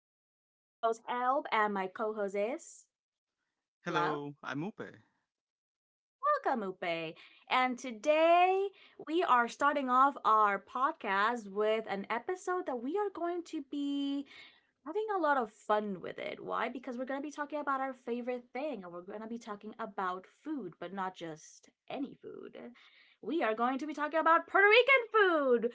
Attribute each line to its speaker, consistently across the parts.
Speaker 1: This is your host, Elb, and my co host is Hello.
Speaker 2: Hello, I'm Upe.
Speaker 1: Welcome, Upe. And today we are starting off our podcast with an episode that we are going to be having a lot of fun with it. Why? Because we're going to be talking about our favorite thing and we're going to be talking about food, but not just any food. We are going to be talking about Puerto Rican food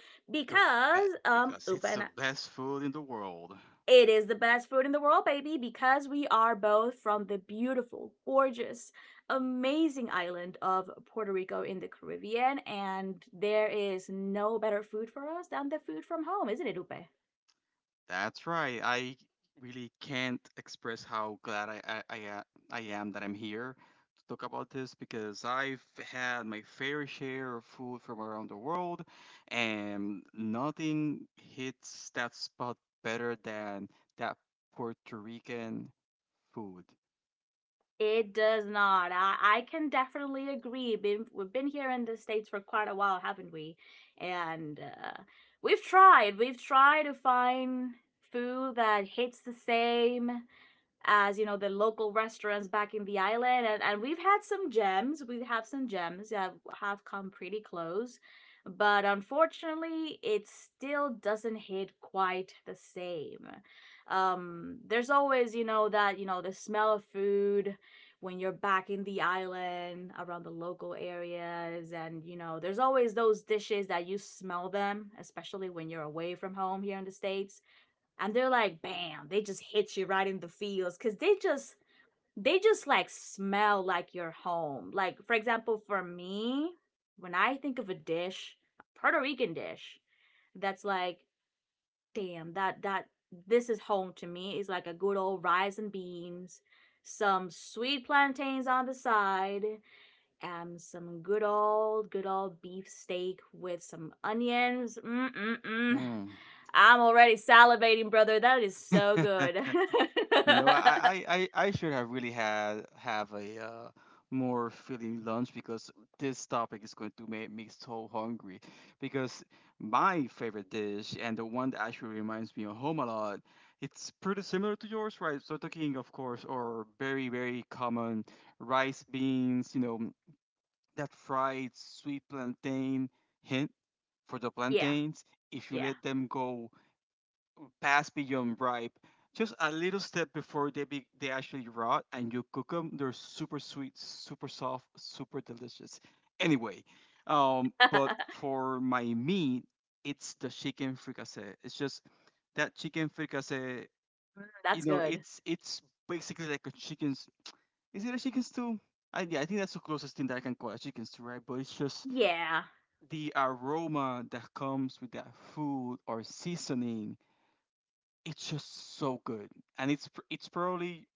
Speaker 2: The be-
Speaker 1: because
Speaker 2: because
Speaker 1: Upa
Speaker 2: it's the
Speaker 1: and I-
Speaker 2: best food in the world.
Speaker 1: it is the best food in the world, baby, because we are both from the beautiful, gorgeous, amazing island of Puerto Rico in the Caribbean, and there is no better food for us than the food from home, isn't it, Upe?
Speaker 2: That's right. I really can't express how glad I am that I'm here to talk about this because I've had my fair share of food from around the world, and nothing hits that spot better than that Puerto Rican food.
Speaker 1: It does not. I can definitely agree. Been, we've been here in the States for quite a while, haven't we? And we've tried. We've tried to find food that hits the same, as you know, the local restaurants back in the island, and we've had some gems. We have some gems that have come pretty close, but unfortunately it still doesn't hit quite the same. Um, there's always, you know, that the smell of food when you're back in the island around the local areas, and you know there's always those dishes that you smell, them especially when you're away from home here in the States, and they're like bam, they just hit you right in the feels because they just, they just like smell like your home. Like for example, for me, when I think of a dish, a Puerto Rican dish that's like, damn, that this is home to me, is like a good old rice and beans, some sweet plantains on the side, and some good old beef steak with some onions. Mm-mm-mm.
Speaker 2: Mm.
Speaker 1: I'm already salivating, brother. That is so good.
Speaker 2: You know, I should have really had have a more filling lunch because this topic is going to make me so hungry. Because my favorite dish and the one that actually reminds me of home a lot, it's pretty similar to yours, right? So talking, of course, or very very common rice beans. You know that fried sweet plantain hint for the
Speaker 1: yeah,
Speaker 2: plantains. If you
Speaker 1: yeah.
Speaker 2: let them go pass beyond ripe. Just a little step before they actually rot and you cook them. They're super sweet, super soft, super delicious. Anyway, but for my meat, it's the chicken fricassee. It's just that chicken fricassee. You
Speaker 1: That's
Speaker 2: know,
Speaker 1: good.
Speaker 2: it's basically like a chicken's. Is it a chicken stew? I yeah, I think that's the closest thing that I can call a chicken stew, right? But it's just
Speaker 1: Yeah.
Speaker 2: the aroma that comes with that food or seasoning, it's just so good, and it's probably,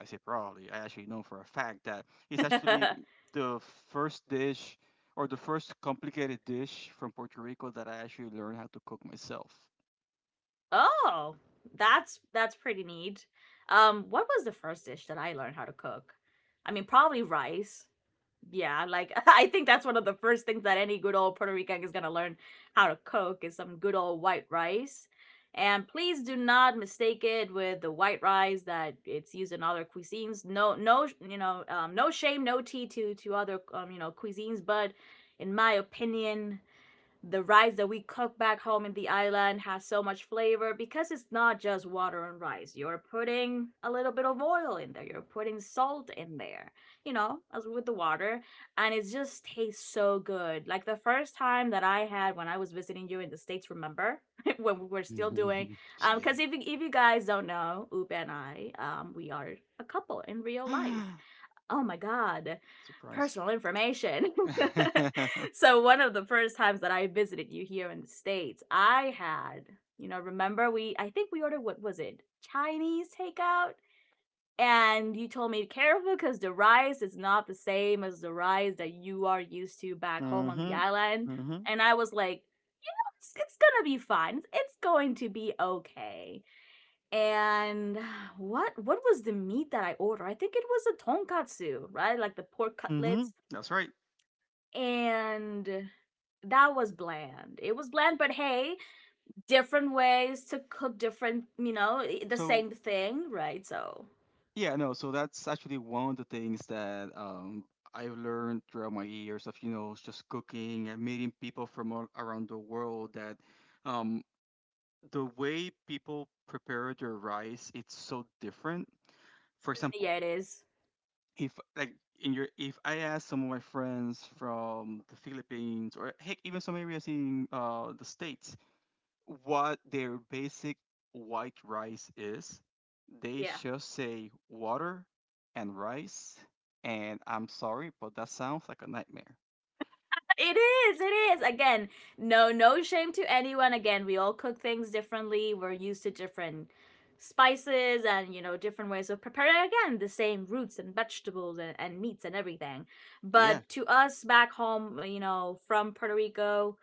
Speaker 2: I say probably I actually know for a fact that it's actually the first dish or the first complicated dish from Puerto Rico that I actually learned how to cook myself.
Speaker 1: Oh, that's pretty neat. What was the first dish that I learned how to cook? I mean, probably rice. Yeah, like I think that's one of the first things that any good old Puerto Rican is gonna learn how to cook is some good old white rice. And please do not mistake it with the white rice that it's used in other cuisines. No, no, you know, no shame, no tea to other you know, cuisines, but in my opinion, the rice that we cook back home in the island has so much flavor because it's not just water and rice. You're putting a little bit of oil in there, you're putting salt in there, you know, as with the water. And it just tastes so good. Like the first time that I had when I was visiting you in the States, remember? When we were still doing,
Speaker 2: Yeah.
Speaker 1: because if you guys don't know, Ube and I, we are a couple in real life. Oh my god,
Speaker 2: Surprise.
Speaker 1: personal information. So one of the first times that I visited you here in the States, I had, you know, remember, we I think we ordered, what was it, Chinese takeout, and you told me careful because the rice is not the same as the rice that you are used to back home on the
Speaker 2: Mhm.
Speaker 1: island.
Speaker 2: Mhm.
Speaker 1: And I was like, it's gonna be fine, it's going to be okay. And what was the meat that I ordered? I think it was a tonkatsu, right? Like the pork
Speaker 2: Mhm.
Speaker 1: cutlets.
Speaker 2: That's right.
Speaker 1: And that was bland. It was bland, but hey, different ways to cook different, you know, eh, the
Speaker 2: So
Speaker 1: same thing, right? So
Speaker 2: Yeah, no, so that's actually one of the things that I've learned throughout my years of, you know, just cooking and meeting people from all around the world that, um, the way people prepare their rice, it's so different. For example,
Speaker 1: yeah, it is.
Speaker 2: if like in your if I ask some of my friends from the Philippines or heck even some areas in the States what their basic white rice is. They
Speaker 1: Yeah.
Speaker 2: just say water and rice, and I'm sorry, but that sounds like a nightmare.
Speaker 1: It is. It is. Again, no, no shame to anyone. Again, we all cook things differently. We're used to different spices and you know different ways of preparing again the same roots and vegetables, and meats and everything,
Speaker 2: Yeah.
Speaker 1: but to us back home, you know, from Puerto Rico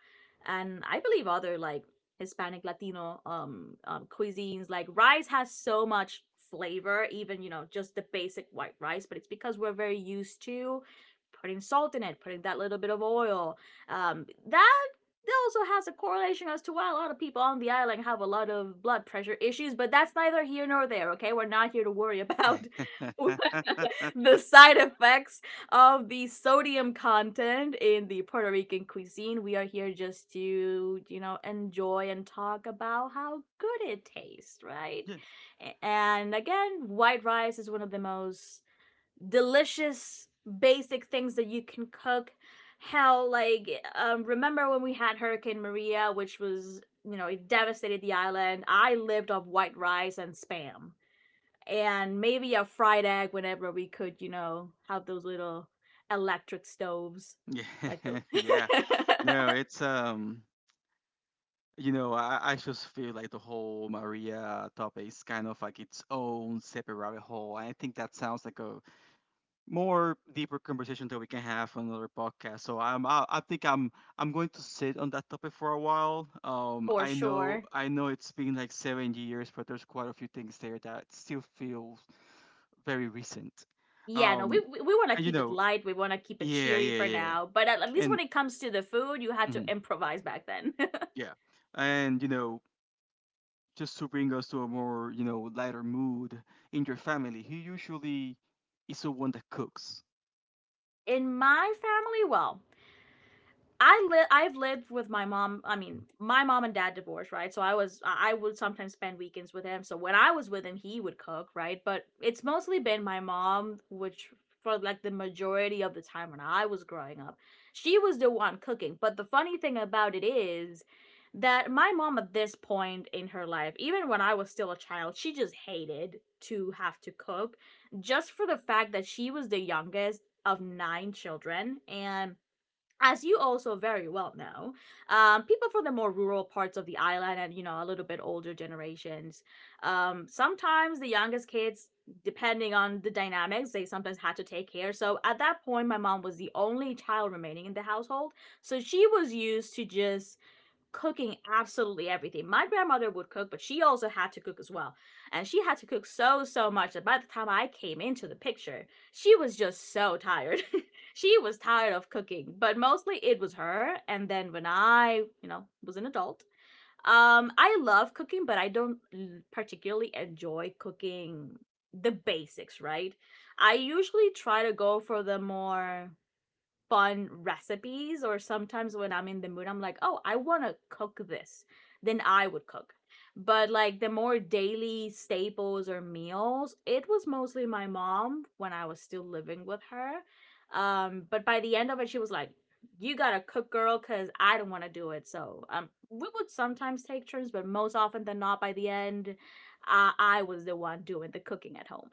Speaker 1: and I believe other like Hispanic Latino cuisines, like rice has so much flavor, even you know just the basic white rice, but it's because we're very used to putting salt in it, putting that little bit of oil. Um, that that also has a correlation as to why a lot of people on the island have a lot of blood pressure issues, but that's neither here nor there, okay? We're not here to worry about the side effects of the sodium content in the Puerto Rican cuisine. We are here just to, you know, enjoy and talk about how good it tastes, right?
Speaker 2: Yeah.
Speaker 1: And again, white rice is one of the most delicious basic things that you can cook. How like, um, remember when we had Hurricane Maria, which was, you know, it devastated the island, I lived off white rice and Spam and maybe a fried egg whenever we could, you know, have those little electric stoves
Speaker 2: Yeah.
Speaker 1: like the
Speaker 2: Yeah. No, it's you know, I just feel like the whole Maria topic is kind of like its own separate rabbit hole. I think that sounds like a more deeper conversation that we can have on another podcast. So I think I'm going to sit on that topic for a while.
Speaker 1: For sure.
Speaker 2: I know it's been like 7 years, but there's quite a few things there that still feel very recent.
Speaker 1: Yeah, no,
Speaker 2: Um,
Speaker 1: we want to
Speaker 2: and you
Speaker 1: keep it
Speaker 2: know,
Speaker 1: light, we want to keep it
Speaker 2: yeah,
Speaker 1: cheery for
Speaker 2: yeah, yeah,
Speaker 1: now, but at least
Speaker 2: and
Speaker 1: when it comes to the food, you had to
Speaker 2: mhm,
Speaker 1: improvise back then.
Speaker 2: yeah, and you know, just to bring us to a more, you know, lighter mood, in your family, he usually is the one that cooks.
Speaker 1: In my family, well, I live. I've lived with my mom. I mean, my mom and dad divorced, right? So I was. I would sometimes spend weekends with him. So when I was with him, he would cook, right? But it's mostly been my mom, which for like the majority of the time when I was growing up, she was the one cooking. But the funny thing about it is that my mom at this point in her life, even when I was still a child, she just hated to have to cook, just for the fact that she was the youngest of nine children, and as you also very well know, people from the more rural parts of the island and you know a little bit older generations, sometimes the youngest kids, depending on the dynamics, they sometimes had to take care. So at that point, my mom was the only child remaining in the household, so she was used to just cooking absolutely everything. My grandmother would cook, but she also had to cook as well. And she had to cook so, so much that by the time I came into the picture, she was just so tired. She was tired of cooking, but mostly it was her. And then when I, you know, was an adult, I love cooking, but I don't particularly enjoy cooking the basics, right? I usually try to go for the more fun recipes, or sometimes when I'm in the mood I'm like, "Oh, I want to cook this." Then I would cook. But like the more daily staples or meals, it was mostly my mom when I was still living with her. Um, but by the end of it she was like, "You got to cook, girl, cuz I don't want to do it." So, um, we would sometimes take turns, but most often than not, by the end, I was the one doing the cooking at home.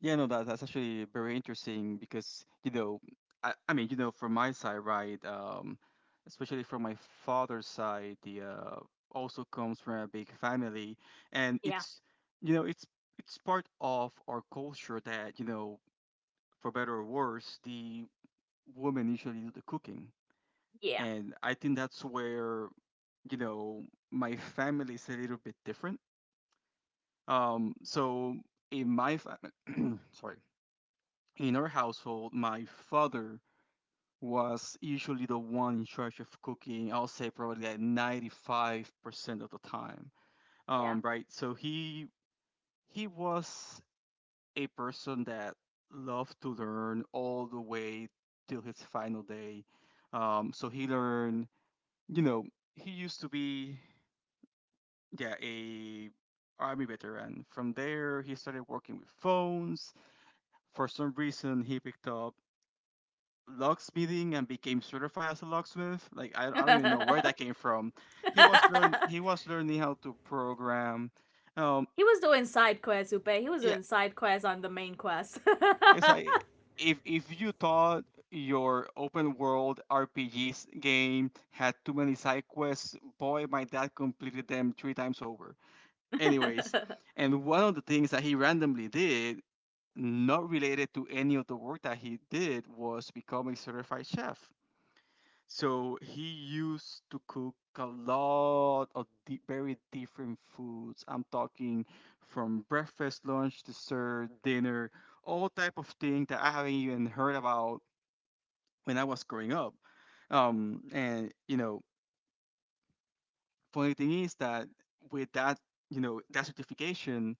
Speaker 2: Yeah, no, that, that's actually very interesting because, you know, I mean, you know, from my side, right, especially from my father's side, the also comes from a big family, and
Speaker 1: Yeah.
Speaker 2: you know, it's part of our culture that, you know, for better or worse, the woman usually do the cooking,
Speaker 1: Yeah.
Speaker 2: and I think that's where, you know, my family is a little bit different. So in my family, sorry, in our household, my father was usually the one in charge of cooking. I'll say probably like 95% of the time. Right. So he was a person that loved to learn all the way till his final day. So he learned, you know, he used to be, yeah, a army veteran. From there, he started working with phones. For some reason, he picked up locksmithing and became certified as a locksmith. Like I don't even know where
Speaker 1: Yeah.
Speaker 2: that came from. He was learning how to program. Um,
Speaker 1: He was doing side quests, Upe. He was
Speaker 2: yeah,
Speaker 1: doing side quests on the main quest.
Speaker 2: it's like if you thought your open world RPGs game had too many side quests, boy, my dad completed them three times over. Anyways, and one of the things that he randomly did. Not related to any of the work that he did was become a certified chef. So he used to cook a lot of very different foods. I'm talking from breakfast, lunch, dessert, dinner, all type of thing that I haven't even heard about when I was growing up. And you know, funny thing is that with that, you know, that certification,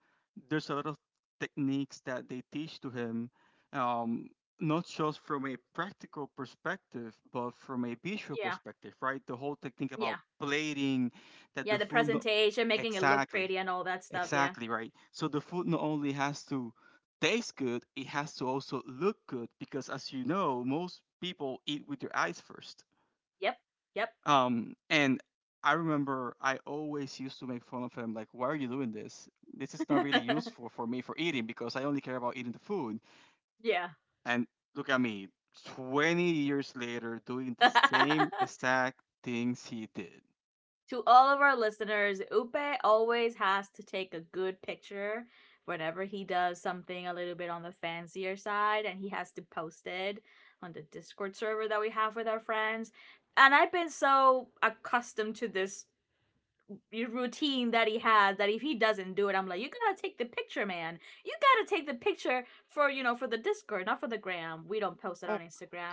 Speaker 2: there's a lot of techniques that they teach to him, um, not just from a practical perspective, but from a visual
Speaker 1: Yeah,
Speaker 2: perspective, right? The whole technique
Speaker 1: yeah,
Speaker 2: about plating, that
Speaker 1: yeah.
Speaker 2: the
Speaker 1: The
Speaker 2: food no-
Speaker 1: presentation, making it look
Speaker 2: exactly,
Speaker 1: pretty, and all that stuff. Yeah.
Speaker 2: exactly right. So the food not only has to taste good, it has to also look good because, as you know, most people eat with their eyes first.
Speaker 1: Yep. Yep.
Speaker 2: And I remember I always used to make fun of him, like, why are you doing this? This is not really useful for me for eating because I only care about eating the food.
Speaker 1: Yeah.
Speaker 2: And look at me, 20 years later, doing the same exact things he did.
Speaker 1: To all of our listeners, Upe always has to take a good picture whenever he does something a little bit on the fancier side, and he has to post it on the Discord server that we have with our friends. And I've been so accustomed to this routine that he has that if he doesn't do it, I'm like, you gotta take the picture, man. You gotta take the picture for, you know, for the Discord, not for the gram. We don't post it on
Speaker 2: Oh,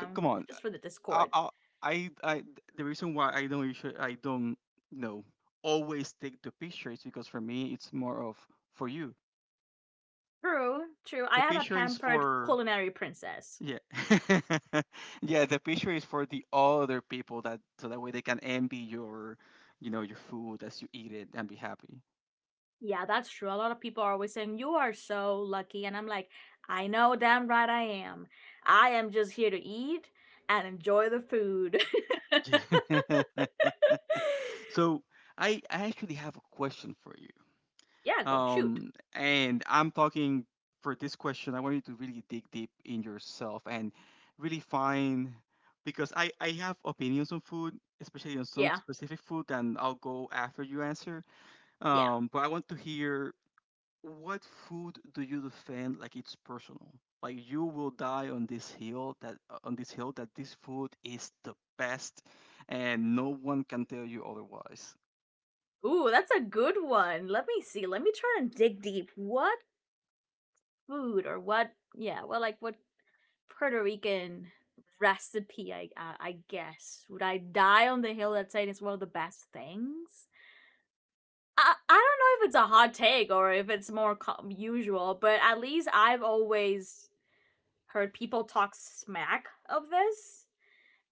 Speaker 2: come on.
Speaker 1: just for the
Speaker 2: I,
Speaker 1: Discord.
Speaker 2: I, I, I, the reason why I don't usually, I don't, you know, always take the picture is because for me, it's more of for you.
Speaker 1: True, true. I
Speaker 2: The
Speaker 1: am a
Speaker 2: picture is
Speaker 1: pampered
Speaker 2: for
Speaker 1: culinary princess.
Speaker 2: Yeah. Yeah, the picture is for the other people that so that way they can envy your, you know, your food as you eat it and be happy.
Speaker 1: Yeah, that's true, a lot of people are always saying you are so lucky and I'm like, I know, damn right I am. I am just here to eat and enjoy the food.
Speaker 2: Yeah. So I actually have a question for you.
Speaker 1: Yeah, go, shoot.
Speaker 2: Um, and I'm talking, for this question, I want you to really dig deep in yourself and really find because I have opinions on food, especially on some
Speaker 1: Yeah.
Speaker 2: specific food, and I'll go after you answer.
Speaker 1: Yeah.
Speaker 2: But I want to hear, what food do you defend like it's personal? Like you will die on this hill that this food is the best and no one can tell you otherwise.
Speaker 1: Ooh, that's a good one. Let me see. Let me try and dig deep. What food or what? Yeah, well, like what Puerto Rican recipe? I guess, would I die on the hill that's saying it's one of the best things? I don't know if it's a hot take or if it's more usual, but at least I've always heard people talk smack of this,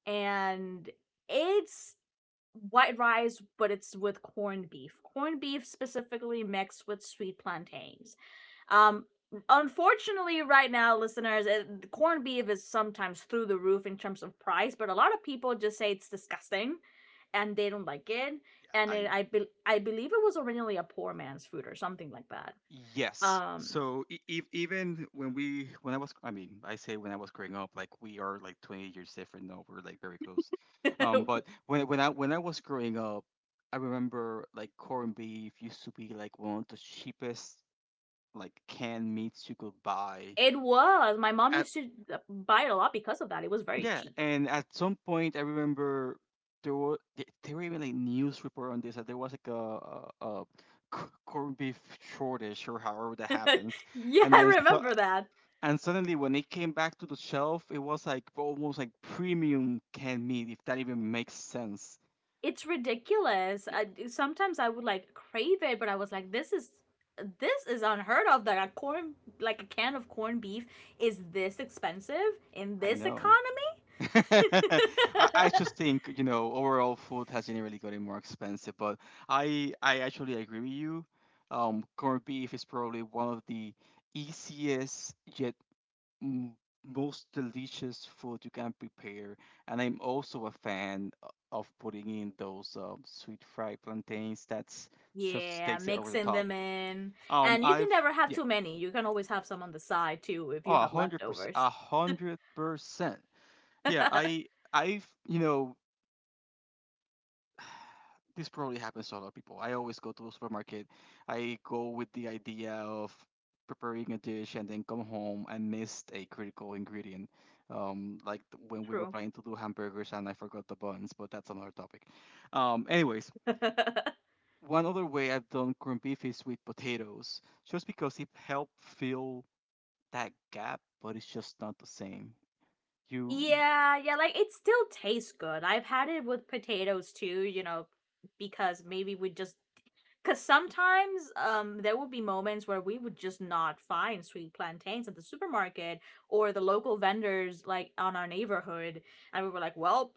Speaker 1: and it's white rice, but it's with corned beef. Corned beef specifically mixed with sweet plantains. Um, unfortunately, right now, listeners, it, corned beef is sometimes through the roof in terms of price, but a lot of people just say it's disgusting, and they don't like it. And
Speaker 2: I
Speaker 1: I believe it was originally a poor man's food or something like that.
Speaker 2: Yes.
Speaker 1: Um,
Speaker 2: So even when we when I was I mean I say when I was growing up like we are like 20 years different now we're like very close. Um, but when I was growing up I remember like corned beef used to be like one of the cheapest like canned meats you could buy
Speaker 1: it was. My mom
Speaker 2: at.
Speaker 1: used to buy it a lot because of that. It was very
Speaker 2: Yeah,
Speaker 1: cheap.
Speaker 2: and at some point, I remember there were there were even like news report on this that there was like a corned beef shortage or however that happens,
Speaker 1: Yeah,
Speaker 2: and then
Speaker 1: I
Speaker 2: so
Speaker 1: remember that.
Speaker 2: and suddenly when it came back to the shelf, it was like almost like premium canned meat, if that even makes sense.
Speaker 1: It's ridiculous.
Speaker 2: Yeah,
Speaker 1: I, sometimes I would like crave it, but I was like, this is unheard of that a corn like a can of corned beef is this expensive in
Speaker 2: I
Speaker 1: this
Speaker 2: know.
Speaker 1: economy.
Speaker 2: I, I just think you know overall food has generally gotten more expensive, but I actually agree with you. Corned beef is probably one of the easiest yet m- most delicious food you can prepare, and I'm also a fan of putting in those sweet fried plantains. That's Just
Speaker 1: Yeah,
Speaker 2: takes it over the
Speaker 1: mixing
Speaker 2: top.
Speaker 1: them in. And you can
Speaker 2: I've
Speaker 1: never have
Speaker 2: Yeah,
Speaker 1: too many. You can always have some on the side too if
Speaker 2: oh,
Speaker 1: you
Speaker 2: a
Speaker 1: have
Speaker 2: hundred percent, a
Speaker 1: leftovers.
Speaker 2: hundred percent. Yeah, I I've you know this probably happens to a lot of people. I always go to the supermarket. I go with the idea of preparing a dish and then come home and missed a critical ingredient. Like when we were
Speaker 1: True.
Speaker 2: planning to do hamburgers and I forgot the buns, but that's another topic. Anyways, one other way I've done corned beef is with potatoes, just because it helped fill that gap, but it's just not the same. You
Speaker 1: Yeah, yeah, like it still tastes good. I've had it with potatoes too, because maybe we just because sometimes there would be moments where we would just not find sweet plantains at the supermarket or the local vendors like on our neighborhood, and we were like, well,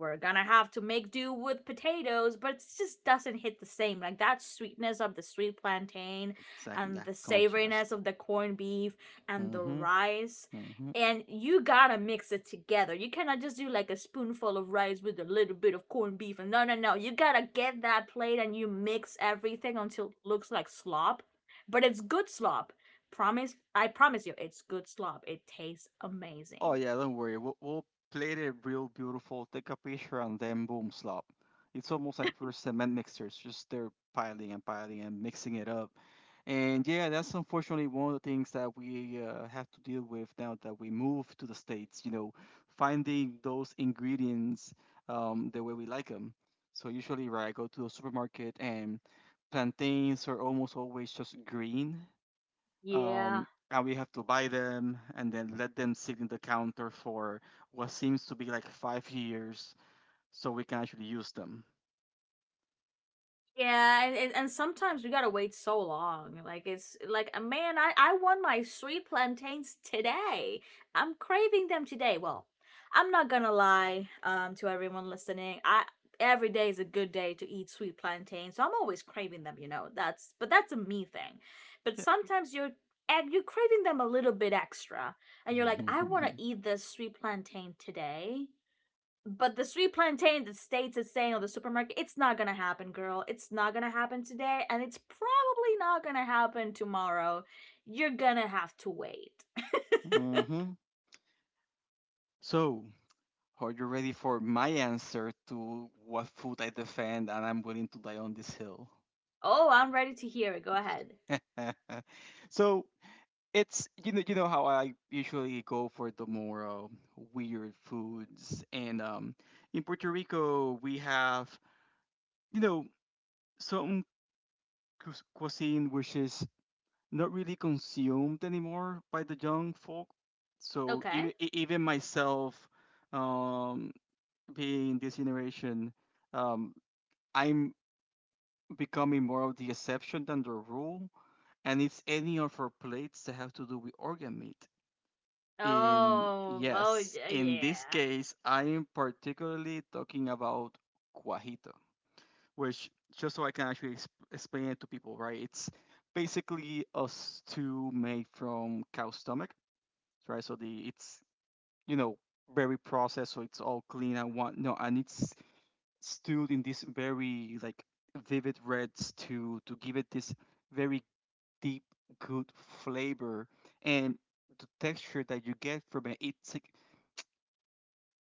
Speaker 1: we're gonna have to make do with potatoes, but it just doesn't hit the same. Like that sweetness of the sweet plantain
Speaker 2: Exactly,
Speaker 1: and
Speaker 2: that
Speaker 1: the savoriness
Speaker 2: contrast.
Speaker 1: of the corned beef and the
Speaker 2: Mm-hmm.
Speaker 1: rice,
Speaker 2: Mm-hmm.
Speaker 1: and you gotta mix it together. You cannot just do like a spoonful of rice with a little bit of corned beef. And no, no, no. You gotta get that plate and you mix everything until it looks like slop, but it's good slop. Promise, I promise you, it's good slop. It tastes
Speaker 2: Oh
Speaker 1: amazing.
Speaker 2: yeah, don't worry. We'll plate it real beautiful, take a picture, and then boom, slop. It's almost like we're cement mixers, just they're piling and piling and mixing it up. And yeah, that's unfortunately one of the things that we have to deal with now that we move to the States, you know, finding those ingredients the way we like them. So usually, right, I go to the supermarket and plantains are almost always just green,
Speaker 1: Yeah.
Speaker 2: um, and we have to buy them and then let them sit in the counter for what seems to be like 5 years so we can actually use them.
Speaker 1: Yeah, and sometimes we gotta wait so long. Like it's like, man, I want my sweet plantains today. I'm craving them today. Well, I'm not gonna lie, to everyone listening. I every day is a good day to eat sweet plantains. So I'm always craving them. That's but that's a me thing. But
Speaker 2: Yeah.
Speaker 1: sometimes you're and you're craving them a little bit extra, and you're like, I want to eat this sweet plantain today, but the sweet plantain that states it's saying on the supermarket, it's not gonna happen, girl. It's not gonna happen today, and it's probably not gonna happen tomorrow. You're gonna have to wait.
Speaker 2: Hmm. So, are you ready for my answer to what food I defend and I'm willing to die on this hill?
Speaker 1: Oh, I'm ready to hear it. Go ahead.
Speaker 2: So it's you know how I usually go for the more weird foods, and in Puerto Rico we have you know some cuisine which is not really consumed anymore by the young folk. So
Speaker 1: Okay.
Speaker 2: even myself, um, being in this generation, um, I'm becoming more of the exception than the rule. And it's any of our plates that have to do with organ meat. In
Speaker 1: Oh, oh,
Speaker 2: Yes, in
Speaker 1: yeah.
Speaker 2: this case, I am particularly talking about cuajito. Which just so I can actually explain it to people, right? It's basically a stew made from cow stomach, right? So the it's you know very processed, so it's all clean and what no, and it's stewed in this very like vivid reds to give it this very deep good flavor, and the texture that you get from it, it's like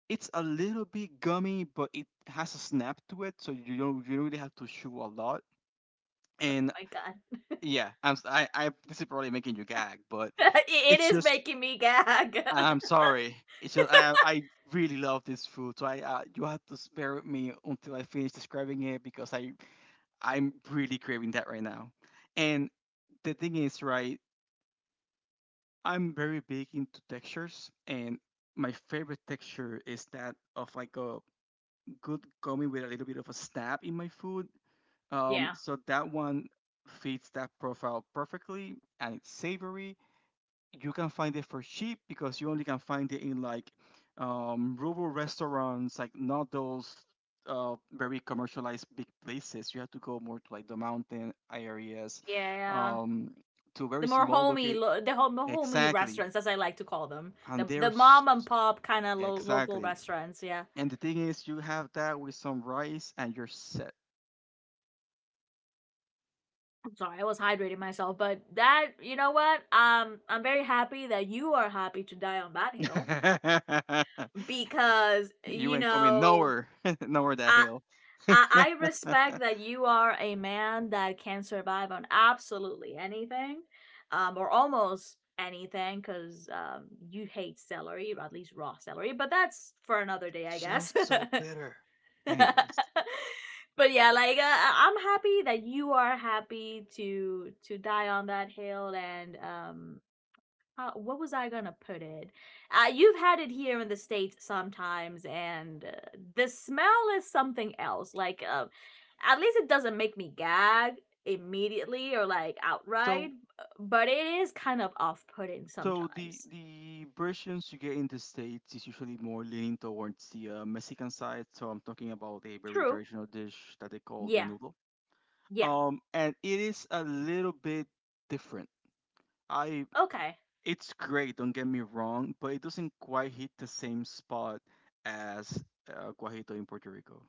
Speaker 2: it's a little bit gummy, but it has a snap to it, so you don't really have to chew a lot, and
Speaker 1: My God,
Speaker 2: yeah. I'm. S- I. I- This is probably making you gag, but
Speaker 1: it
Speaker 2: it's
Speaker 1: is
Speaker 2: just.
Speaker 1: making me gag.
Speaker 2: I'm sorry. It's just. I really love this food, so I. You have to spare me until I finish describing it, because I. I'm really craving that right now, and the thing is, right? I'm very big into textures, and my favorite texture is that of like a good gummy with a little bit of a snap in my food. Um,
Speaker 1: Yeah,
Speaker 2: so that one fits that profile perfectly, and it's savory. You can find it for cheap because you only can find it in like rural restaurants, like not those very commercialized big places. You have to go more to like the mountain areas,
Speaker 1: yeah.
Speaker 2: um, to
Speaker 1: The
Speaker 2: very
Speaker 1: more
Speaker 2: small
Speaker 1: homey,
Speaker 2: locate.
Speaker 1: the homey
Speaker 2: Exactly,
Speaker 1: restaurants, as I like to call them,
Speaker 2: and
Speaker 1: the
Speaker 2: there's
Speaker 1: mom and pop kind of local
Speaker 2: exactly.
Speaker 1: restaurants. Yeah.
Speaker 2: And the thing is, you have that with some rice and you're set.
Speaker 1: I'm sorry, I was hydrating myself, but that you know what? I'm very happy that you are happy to die on that hill because
Speaker 2: You
Speaker 1: you
Speaker 2: ain't coming
Speaker 1: know
Speaker 2: nowhere, nowhere that
Speaker 1: I,
Speaker 2: hill.
Speaker 1: I respect that you are a man that can survive on absolutely anything, or almost anything because you hate celery, or at least raw celery, but that's for another day I
Speaker 2: Joe's
Speaker 1: guess.
Speaker 2: so bitter. Anyways,
Speaker 1: But yeah, like I am happy that you are happy to die on that hill. And what was I gonna put it? You've had it here in the states sometimes, and the smell is something else. Like at least it doesn't make me gag immediately or like outright,
Speaker 2: so
Speaker 1: but it is kind of off putting
Speaker 2: So the
Speaker 1: sometimes.
Speaker 2: the versions you get in the States is usually more leaning towards the Mexican side. So I'm talking about a very
Speaker 1: True.
Speaker 2: traditional dish that they call
Speaker 1: Yeah.
Speaker 2: menudo.
Speaker 1: Yeah.
Speaker 2: And it is a little bit different. I
Speaker 1: Okay.
Speaker 2: It's great, don't get me wrong, but it doesn't quite hit the same spot as guajito in Puerto Rico.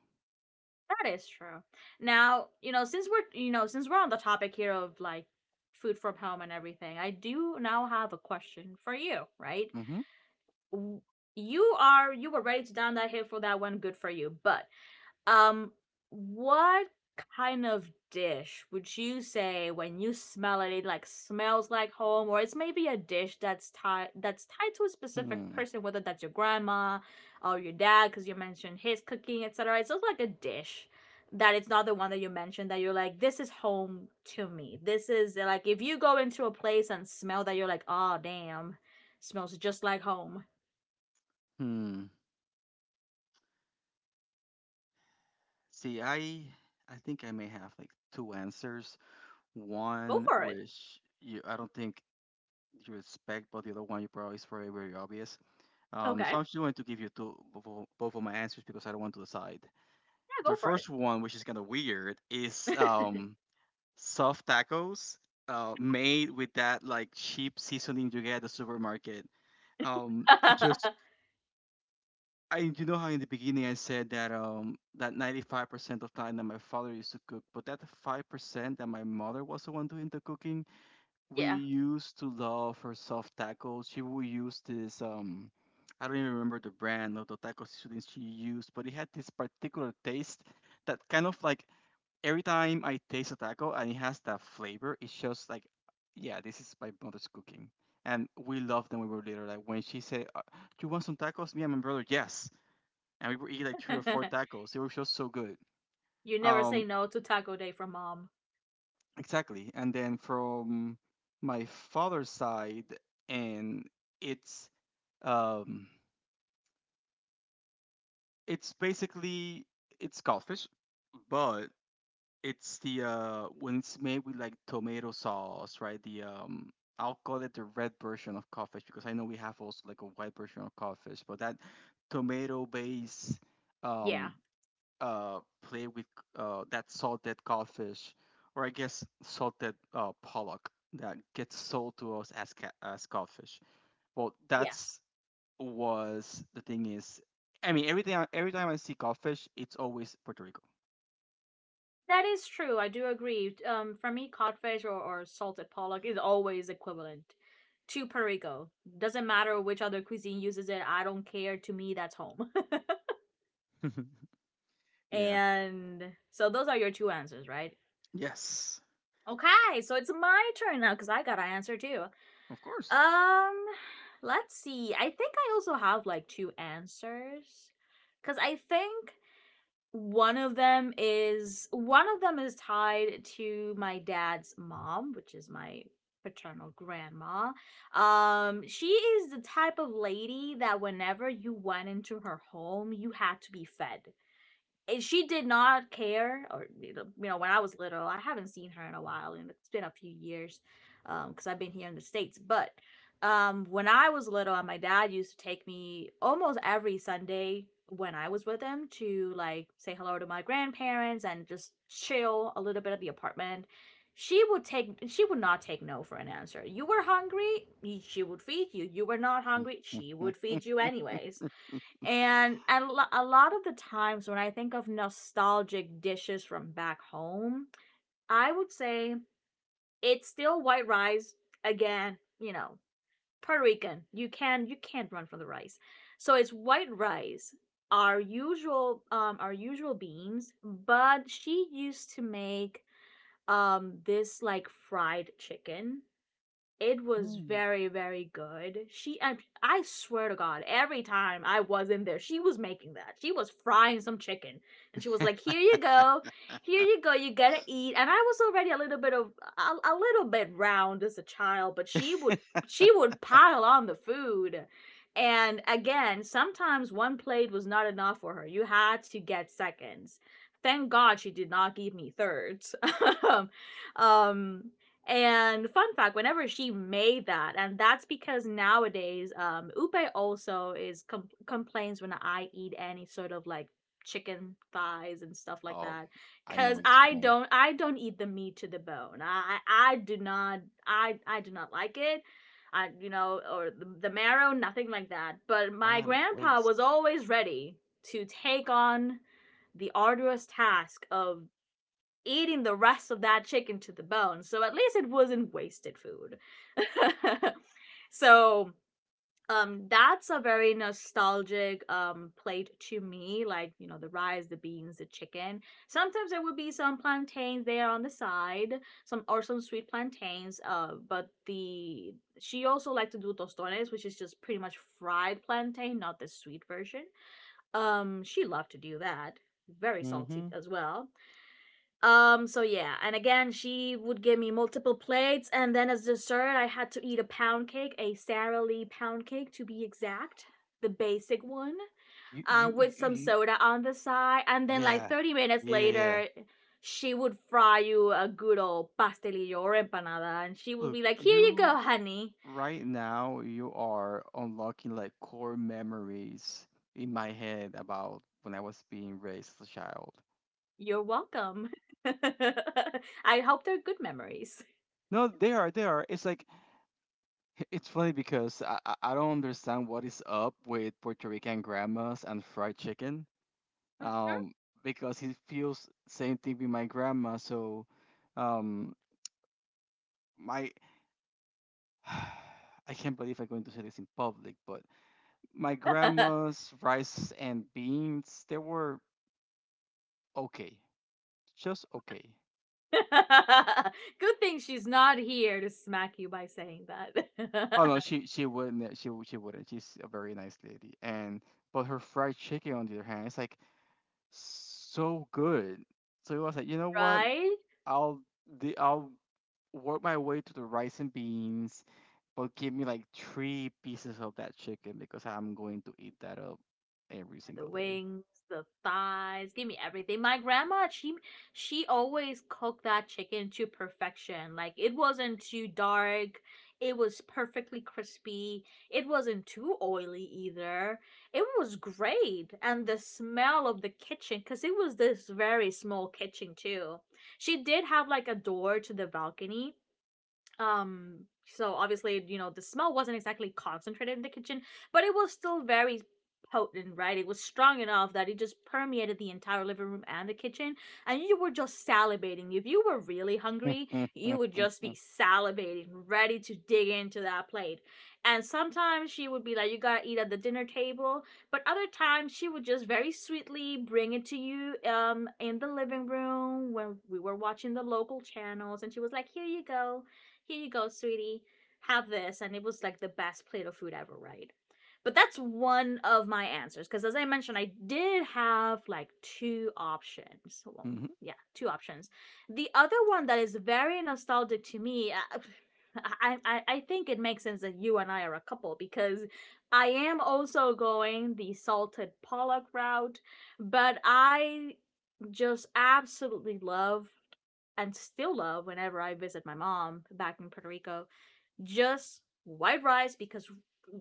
Speaker 1: That is true. Now, you know, since we're since we're on the topic here of like food from home and everything, I do now have a question for you, right?
Speaker 2: Mm-hmm.
Speaker 1: W- You are you were ready to down that hill for that one, good for you. But um, what kind of dish would you say when you smell it, it like smells like home, or it's maybe a dish that's tied to a specific
Speaker 2: Hmm.
Speaker 1: person, whether that's your grandma or your dad, because you mentioned his cooking, etc. It's just like a dish that it's not the one that you mentioned that you're like, this is home to me. This is like if you go into a place and smell that, you're like, oh damn, smells just like home.
Speaker 2: Hmm. See, I think I may have like two answers.
Speaker 1: Go
Speaker 2: One
Speaker 1: for it.
Speaker 2: which you I don't think you respect, but the other one you probably is very, very obvious. Um,
Speaker 1: Okay, yeah,
Speaker 2: so I'm just going to give you two both of my answers because I don't want to decide.
Speaker 1: go
Speaker 2: The
Speaker 1: for it.
Speaker 2: first one, which is kind of weird, is soft tacos made with that like cheap seasoning you get at the supermarket. It just I You know how in the beginning I said that 95% of time that my father used to cook, but that 5% that my mother was the one doing the cooking, we
Speaker 1: Yeah.
Speaker 2: used to love her soft tacos. She would use this I don't even remember the brand of the taco seasoning she used, but it had this particular taste that kind of like every time I taste a taco and it has that flavor, it's just like, yeah, this is my mother's cooking. And we loved them when we were little. Like when she said, "Do you want some tacos?" Me and my brother, yes, and we would eat like three or four tacos. It was just so good.
Speaker 1: You never say
Speaker 2: Um,
Speaker 1: no to taco day from mom.
Speaker 2: Exactly. And then from my father's side, and it's um it's basically it's codfish, but it's the when it's made with like tomato sauce, right? The I'll call it the red version of codfish because I know we have also like a white version of codfish, but that tomato based
Speaker 1: Yeah,
Speaker 2: um play with that salted codfish, or I guess salted pollock that gets sold to us as as codfish. Well,
Speaker 1: yeah.
Speaker 2: that's was the thing is, I mean, every time I see codfish, it's always Puerto Rico.
Speaker 1: That is true. I do agree. For me, codfish or salted pollock is always equivalent to Perico. Doesn't matter which other cuisine uses it. I don't care. To me, that's home.
Speaker 2: Yeah.
Speaker 1: And so those are your two answers, right?
Speaker 2: Yes.
Speaker 1: Okay, so it's my turn now because I gotta answer too.
Speaker 2: Of course.
Speaker 1: Um, let's see. I think I also have like two answers because I think one of them is one of them is tied to my dad's mom, which is my paternal grandma. She is the type of lady that whenever you went into her home, you had to be fed. She did not care. Or you know, when I was little, I haven't seen her in a while and it's been a few years, because I've been here in the states. But when I was little, my dad used to take me almost every Sunday when I was with him to like say hello to my grandparents and just chill a little bit at the apartment. She would not take no for an answer. You were hungry, she would feed you. You were not hungry, she would feed you anyways. And a lot of the times when I think of nostalgic dishes from back home, I would say it's still white rice. Again, you know, Puerto Rican. You can you can't run from the rice. So it's white rice, our usual beans, but she used to make this like fried chicken. It was
Speaker 2: Mm.
Speaker 1: very, very good. I swear to God, every time I was in there, she was making that. She was frying some chicken, and she was like, "Here you go, here you go. You gotta eat." And I was already a little bit of a little bit round as a child, but she would pile on the food. And again, sometimes one plate was not enough for her. You had to get seconds. Thank God she did not give me thirds. um, and fun fact, whenever she made that, and that's because nowadays, Upe also is complains when I eat any sort of like chicken thighs and stuff like
Speaker 2: Oh,
Speaker 1: that,
Speaker 2: I know
Speaker 1: cause
Speaker 2: where it's going.
Speaker 1: I don't eat the meat to the bone. I do not, I do not like it. Or the marrow, nothing like that. But my
Speaker 2: What a
Speaker 1: grandpa
Speaker 2: waste.
Speaker 1: was always ready to take on the arduous task of eating the rest of that chicken to the bone. So at least it wasn't wasted food. So that's a very nostalgic plate to me, like you know, the rice, the beans, the chicken. Sometimes there would be some plantains there on the side, some or some sweet plantains. But the she also liked to do tostones, which is just pretty much fried plantain, not the sweet version. She loved to do that. Very salty
Speaker 2: Mhm.
Speaker 1: as well. So yeah, and again, she would give me multiple plates, and then as dessert, I had to eat a pound cake, a Sara Lee pound cake to be exact, the basic one,
Speaker 2: You, you, you,
Speaker 1: with some
Speaker 2: you
Speaker 1: soda on the side, and then like
Speaker 2: Yeah,
Speaker 1: 30 minutes
Speaker 2: yeah, yeah.
Speaker 1: later, she would fry you a good old pastelillo or empanada, and she would
Speaker 2: Look,
Speaker 1: be like, Here you go,
Speaker 2: you
Speaker 1: honey,
Speaker 2: Right now, you are unlocking like core memories in my head about when I was being raised as a child.
Speaker 1: you're welcome. I hope they're good memories.
Speaker 2: No, they are, they are. It's like, it's funny because I don't understand what is up with Puerto Rican grandmas and fried chicken. Um, because it feels same thing with my grandma. So, um, my, I can't believe I'm going to say this in public, but my grandma's rice and beans, they were okay. Just okay.
Speaker 1: Good thing she's not here to smack you by saying that.
Speaker 2: Oh no, she wouldn't. She wouldn't. She's a very nice lady. And but her fried chicken, on the other hand, it's like so good. So I was like, you know what?
Speaker 1: Right?
Speaker 2: I'll I'll work my way to the rice and beans, but give me like three pieces of that chicken because I'm going to eat that up every
Speaker 1: The
Speaker 2: single
Speaker 1: wings, the thighs, give me everything. My grandma, she always cooked that chicken to perfection. Like it wasn't too dark. It was perfectly crispy. It wasn't too oily either. It was great. And the smell of the kitchen, because it was this very small kitchen too. She did have like a door to the balcony. So obviously, you know, the smell wasn't exactly concentrated in the kitchen, but it was still very potent, right? It was strong enough that it just permeated the entire living room and the kitchen, and you were just salivating. If you were really hungry,
Speaker 2: day.
Speaker 1: you would just be salivating, ready to dig into that plate. And sometimes she would be like, You gotta eat at the dinner table. But other times she would just very sweetly bring it to you, in the living room when we were watching the local channels. And she was like, Here you go, here you go, sweetie, have this. And it was like the best plate of food ever, right? But that's one of my answers. Because as I mentioned, I did have like two options. So, well, yeah, two options. The other one that is very nostalgic to me, I think it makes sense that you and I are a couple because I am also going the salted pollock route, but I just absolutely love and still love whenever I visit my mom back in Puerto Rico. Just white rice because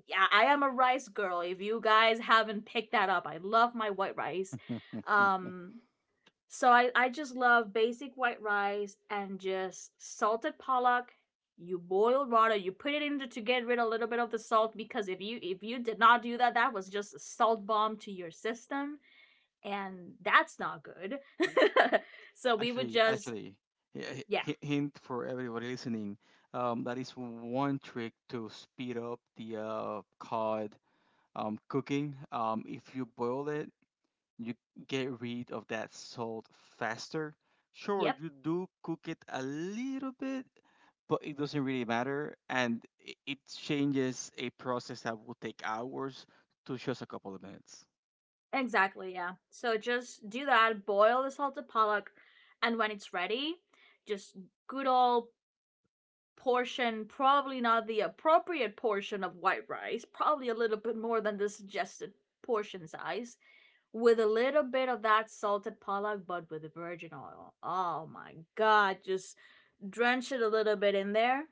Speaker 1: yeah, I am a rice girl. If you guys haven't picked that up, I love my white rice. Um, so I just love basic white rice and just salted pollock. You boil water, you put it in to get rid of a little bit of the salt because if you did not do that, that was just a salt bomb to your system, and that's not good. So we would
Speaker 2: Actually,
Speaker 1: just
Speaker 2: hi-
Speaker 1: yeah,
Speaker 2: hi- hint for everybody listening. That is one trick to speed up the cod cooking. If you boil it, you get rid of that salt faster. Sure,
Speaker 1: yep,
Speaker 2: you do cook it a little bit, but it doesn't really matter, and it changes a process that will take hours to just a couple of minutes.
Speaker 1: exactly, yeah. So just do that, boil the salted pollock, and when it's ready, just good old portion, probably not the appropriate portion of white rice, probably a little bit more than the suggested portion size, with a little bit of that salted pollock, but with virgin oil. Oh my god, just drench it a little bit in there,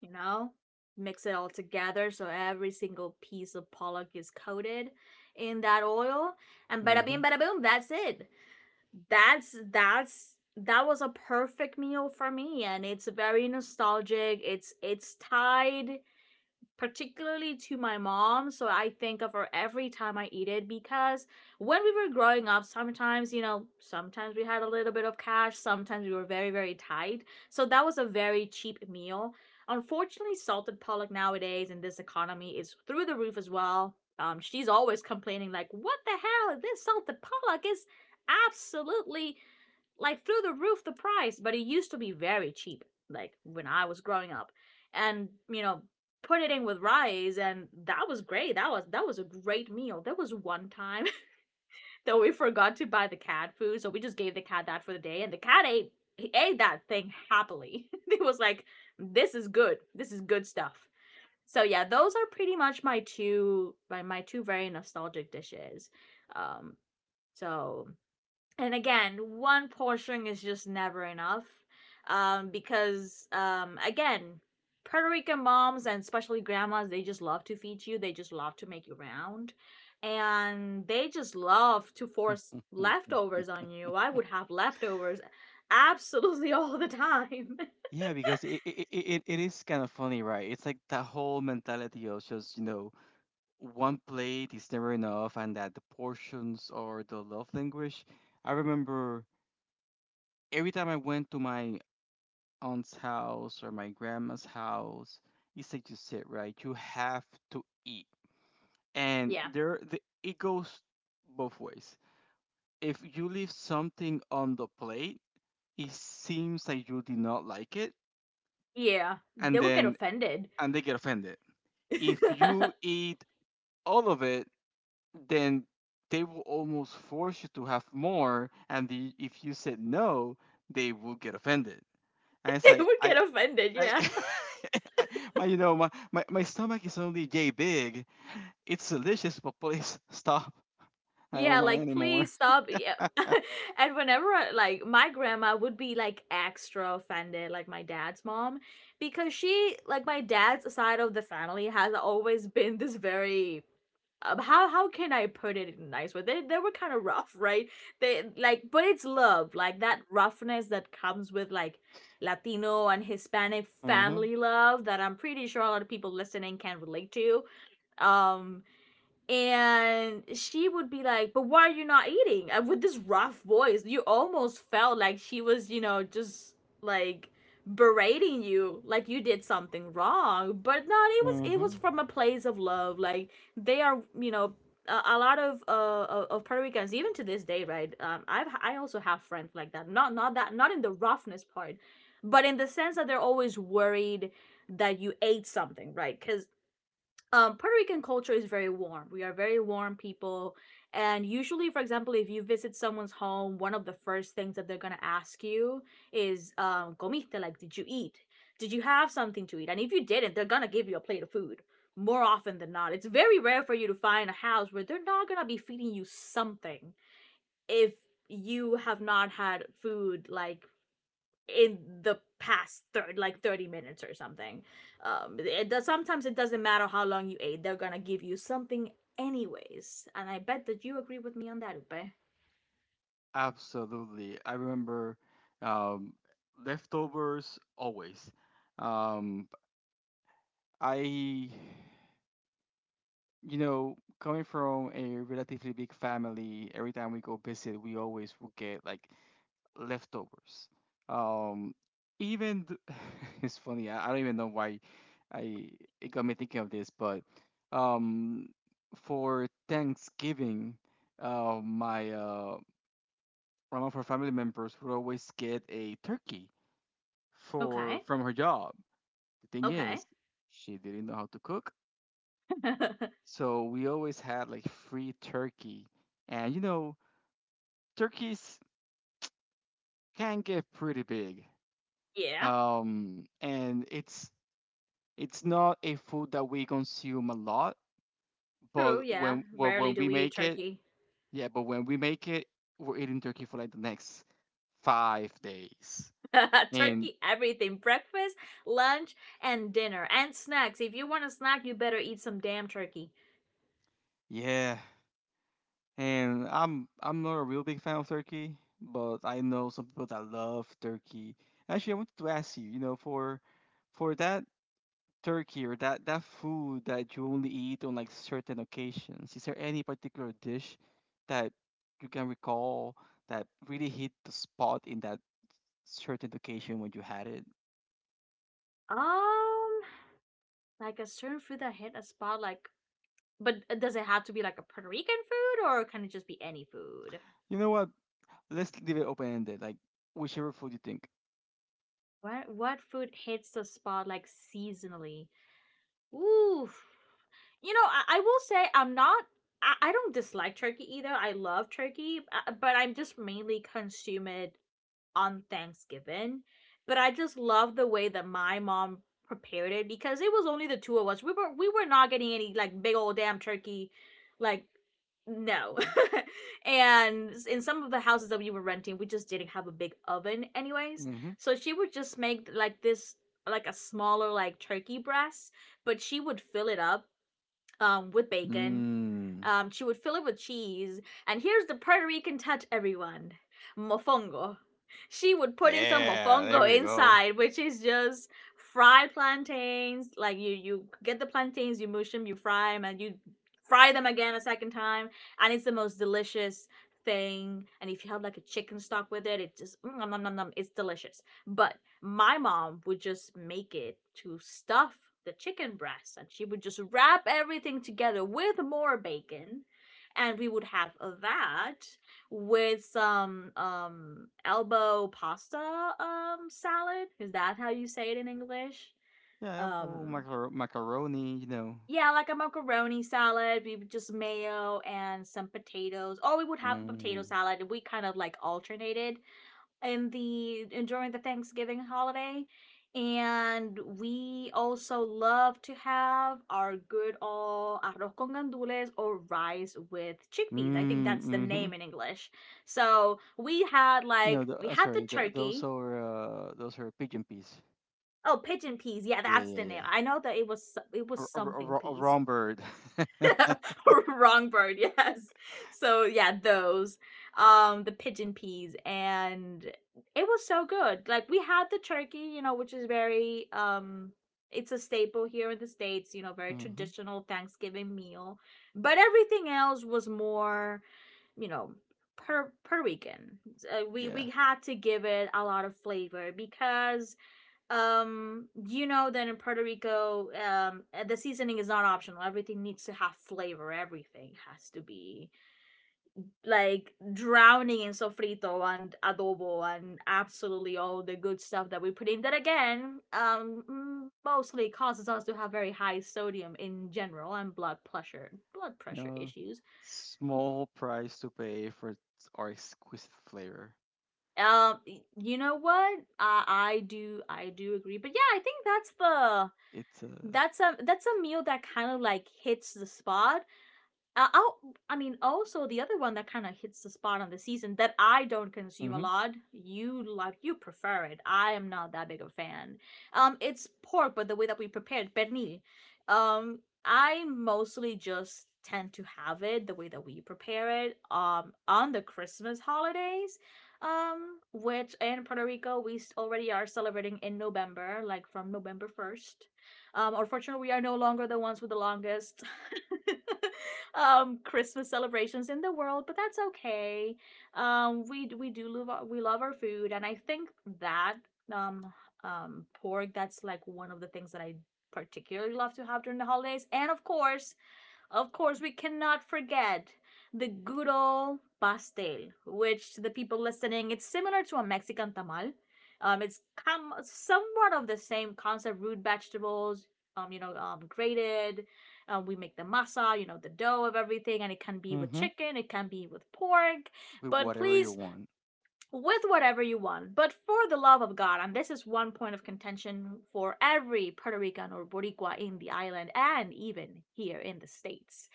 Speaker 1: you know mix it all together so every single piece of pollock is coated in that oil, and bada
Speaker 2: Mm-hmm.
Speaker 1: bing bada boom, that's it. That's that was a perfect meal for me, and it's very nostalgic. It's tied particularly to my mom. So I think of her every time I eat it because when we were growing up, sometimes, you know, sometimes we had a little bit of cash, sometimes we were very, very tight. So that was a very cheap meal. Unfortunately, salted pollock nowadays in this economy is through the roof as well. She's always complaining, like, what the hell? This salted pollock is absolutely, like, through the roof the price, but it used to be very cheap, like when I was growing up. And, you know, put it in with rice and that was great. That was a great meal. There was one time that we forgot to buy the cat food, so we just gave the cat that for the day, and the cat ate, he ate that thing happily. It was like, this is good. This is good stuff. So yeah, those are pretty much my two very nostalgic dishes. Um so and again, one portion is just never enough, because again, puerto rican moms and especially grandmas, they just love to feed you, they just love to make you round, and they just love to force leftovers on you. I would have leftovers absolutely, all the time.
Speaker 2: Yeah, because it is kind of funny, right? It's like that whole mentality of just, one plate is never enough and that the portions are the love language. I remember every time I went to my aunt's house or my grandma's house, it's like you said, right? You have to eat. And
Speaker 1: Yeah,
Speaker 2: it goes both ways. If you leave something on the plate, it seems like you did not like it,
Speaker 1: yeah,
Speaker 2: and
Speaker 1: they would get
Speaker 2: then
Speaker 1: offended.
Speaker 2: and they get offended, if
Speaker 1: They
Speaker 2: you eat all of it, then they will almost force you to have more. If you said no, they will get offended. And it's like,
Speaker 1: would get offended,
Speaker 2: I,
Speaker 1: yeah.
Speaker 2: I my, you know, my stomach is only yay big. It's delicious, but please stop. I don't
Speaker 1: Yeah,
Speaker 2: want
Speaker 1: like
Speaker 2: any more.
Speaker 1: please stop. Yeah. And whenever I- like my grandma would be like extra offended, like my dad's mom, because she, like my dad's side of the family has always been this very, how can I put it in a nice way? They were kind of rough, right? They like, but it's love, like that roughness that comes with like Latino and Hispanic
Speaker 2: hmm
Speaker 1: family love that I'm pretty sure a lot of people listening can relate to. Um and she would be like, but why are you not eating, and with this rough voice you almost felt like she was, you know, just like berating you, like you did something wrong, but no, it was, it was
Speaker 2: hmm
Speaker 1: from a place of love, like they are, you know, a lot of Puerto Ricans even to this day, right? I also have friends like that, not in the roughness part, but in the sense that they're always worried that you ate something, right? Because Puerto Rican culture is very warm. We are very warm people. And usually, for example, if you visit someone's home, one of the first things that they're going to ask you is, comiste, like, did you eat? Did you have something to eat? And if you didn't, they're going to give you a plate of food more often than not. It's very rare for you to find a house where they're not going to be feeding you something if you have not had food, like, in the past third like 30 minutes or something. It does, sometimes it doesn't matter how long you ate, they're gonna give you something anyways, and I bet that you agree with me on that, upe.
Speaker 2: Absolutely. I remember um, leftovers always. Um, I Coming from a relatively big family, every time we go visit, we always will get like leftovers. Um, even th- it's funny. I don't even know why I it got me thinking of this, but um, for Thanksgiving, my one of her family members would always get a turkey for
Speaker 1: Okay,
Speaker 2: from her job. The thing
Speaker 1: okay.
Speaker 2: is, she didn't know how to cook. So we always had like free turkey. And turkeys can get pretty big.
Speaker 1: Yeah,
Speaker 2: And it's not a food that we consume a lot, but
Speaker 1: true, yeah, rarely
Speaker 2: when
Speaker 1: do
Speaker 2: we
Speaker 1: we eat
Speaker 2: make it,
Speaker 1: turkey.
Speaker 2: yeah, but when we make it, we're eating turkey for like the next 5 days. And
Speaker 1: Turkey everything, breakfast, lunch and dinner, and snacks. If you want a snack, you better eat some damn turkey.
Speaker 2: yeah, and I'm not a real big fan of turkey, but I know some people that love turkey. Actually, I wanted to ask you, for that turkey or that food that you only eat on like certain occasions? Is there any particular dish that you can recall that really hit the spot in that certain occasion when you had it?
Speaker 1: um like a certain food that hit a spot, like, but does it have to be like a Puerto Rican food, or can it just be any food?
Speaker 2: You know what? Let's leave it open ended. Like whichever food you think.
Speaker 1: What food hits the spot, like seasonally? Ooh, you know, I will say I'm not. I don't dislike turkey either. I love turkey, but I'm just mainly consume it on Thanksgiving, but I just love the way that my mom prepared it because it was only the two of us. We were not getting any like big old damn turkey, like no. And in some of the houses that we were renting, we just didn't have a big oven anyways.
Speaker 2: Mm-hmm.
Speaker 1: So she would just make like this, like a smaller like turkey breast, but she would fill it up, with bacon.
Speaker 2: Mm.
Speaker 1: She would fill it with cheese. And here's the Puerto Rican touch, everyone, mofongo. She would put in some
Speaker 2: Yeah,
Speaker 1: mofongo
Speaker 2: there we go.
Speaker 1: inside, which is just fried plantains. Like you get the plantains, you mush them, you fry them, and you fry them again a second time. And it's the most delicious thing. And if you have like a chicken stock with it, it just, mm, nom, nom, nom, nom, it's delicious. But my mom would just make it to stuff the chicken breasts, and she would just wrap everything together with more bacon, and we would have that with some elbow pasta salad, is that how you say it in english?
Speaker 2: Yeah, elbow
Speaker 1: um
Speaker 2: macaroni. You know.
Speaker 1: yeah, like a macaroni salad. We would just mayo and some potatoes, or we would have a potato
Speaker 2: Mm.
Speaker 1: salad. We kind of like alternated in the and during the Thanksgiving holiday. And we also love to have our good old arroz con gandules, or rice with chickpeas. I think
Speaker 2: Mm.
Speaker 1: that's the
Speaker 2: Mm-hmm.
Speaker 1: name in English. So we had,
Speaker 2: No,
Speaker 1: like we had the
Speaker 2: sorry. tho- those
Speaker 1: turkey.
Speaker 2: are uh, those are pigeon peas.
Speaker 1: Oh, pigeon peas. Yeah,
Speaker 2: Yeah,
Speaker 1: that's
Speaker 2: yeah,
Speaker 1: the name.
Speaker 2: yeah.
Speaker 1: I know that it was so- it
Speaker 2: a,
Speaker 1: was
Speaker 2: a,
Speaker 1: something
Speaker 2: a, a
Speaker 1: peas.
Speaker 2: wrong bird.
Speaker 1: Wrong bird, yes. So yeah, those. The pigeon peas, and it was so good. Like we had the turkey, you know, which is very it's a staple here in the States, you know, very
Speaker 2: Hmm.
Speaker 1: traditional Thanksgiving meal. But everything else was more, you know, Puerto Rican. Uh, we
Speaker 2: Yeah.
Speaker 1: we had to give it a lot of flavor because you know that in Puerto Rico, the seasoning is not optional, everything needs to have flavor, everything has to be like drowning in sofrito and adobo and absolutely all the good stuff that we put in that, again, mostly causes us to have very high sodium in general and blood pressure,
Speaker 2: No,
Speaker 1: issues.
Speaker 2: small price to pay for our exquisite flavor.
Speaker 1: um you know what, I do agree, but yeah, I think that's the,
Speaker 2: It's
Speaker 1: that's a, that's a meal that kind of like hits the spot. uh, I'll, I mean, also the other one that kind of hits the spot on the season that I don't consume a
Speaker 2: hmm
Speaker 1: lot. You like, you prefer it. I am not that big of a fan. It's pork, but the way that we prepare it, pernil. Um, I mostly just tend to have it the way that we prepare it. On the Christmas holidays, which in Puerto Rico we already are celebrating in November, like from November 1st. Unfortunately, we are no longer the ones with the longest. Christmas celebrations in the world, but that's okay. We love our food, and I think that um pork, that's like one of the things that I particularly love to have during the holidays, and of course, we cannot forget the good old pastel, which to the people listening, it's similar to a Mexican tamal. Somewhat of the same concept: root vegetables, you know, grated. We make the masa, you know, the dough of everything, and it can be with
Speaker 2: hmm
Speaker 1: chicken, it can be with pork,
Speaker 2: With
Speaker 1: but
Speaker 2: whatever you
Speaker 1: please,
Speaker 2: want.
Speaker 1: with whatever you want. But for the love of God, and this is one point of contention for every Puerto Rican or Boricua in the island and even here in the states,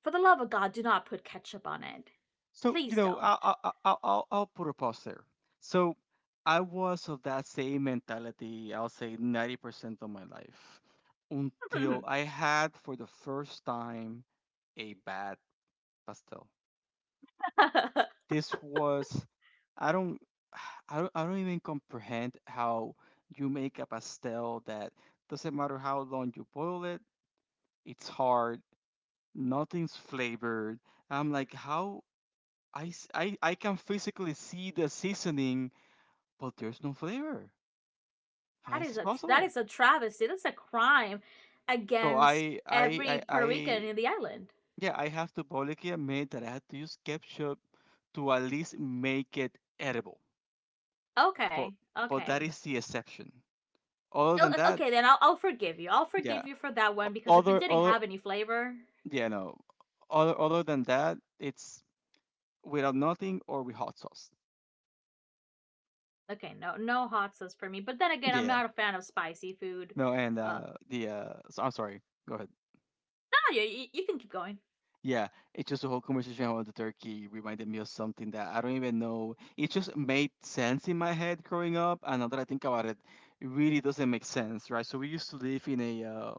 Speaker 1: for the love of God, do not put ketchup on it.
Speaker 2: So,
Speaker 1: Please
Speaker 2: I'll
Speaker 1: don't.
Speaker 2: I'll I'll, I'll I'll put a pause there. So I was of that same mentality. I'll say 90% of my life until I had for the first time a bad pastel.
Speaker 1: That
Speaker 2: This was I don't I don't even comprehend how you make a pastel that, doesn't matter how long you boil it, it's hard, nothing's flavored. I'm like, how I can physically see the seasoning, but there's no flavor. How is
Speaker 1: is
Speaker 2: this
Speaker 1: a, that
Speaker 2: possible?
Speaker 1: is a travesty. That's a crime
Speaker 2: So
Speaker 1: against every Puerto Rican
Speaker 2: I
Speaker 1: in the island.
Speaker 2: yeah, I have to publicly admit that I had to use ketchup to at least make it edible. But
Speaker 1: Okay,
Speaker 2: but that
Speaker 1: okay,
Speaker 2: is the exception. Other than that,
Speaker 1: okay. Then I'll forgive you. I'll
Speaker 2: yeah.
Speaker 1: forgive you for that one because if it
Speaker 2: Other
Speaker 1: didn't
Speaker 2: other
Speaker 1: have any flavor,
Speaker 2: yeah, no. Other than that, it's without nothing or with hot sauce.
Speaker 1: okay, no hot sauce for me. But then again, I'm
Speaker 2: Yeah.
Speaker 1: not a fan of spicy food.
Speaker 2: No, and
Speaker 1: Uh,
Speaker 2: the so, I'm sorry. Go ahead.
Speaker 1: no, you can keep going.
Speaker 2: Yeah, it's just the whole conversation about the turkey reminded me of something that I don't even know. It just made sense in my head growing up, and now that I think about it, it really doesn't make sense, right? So we used to live in a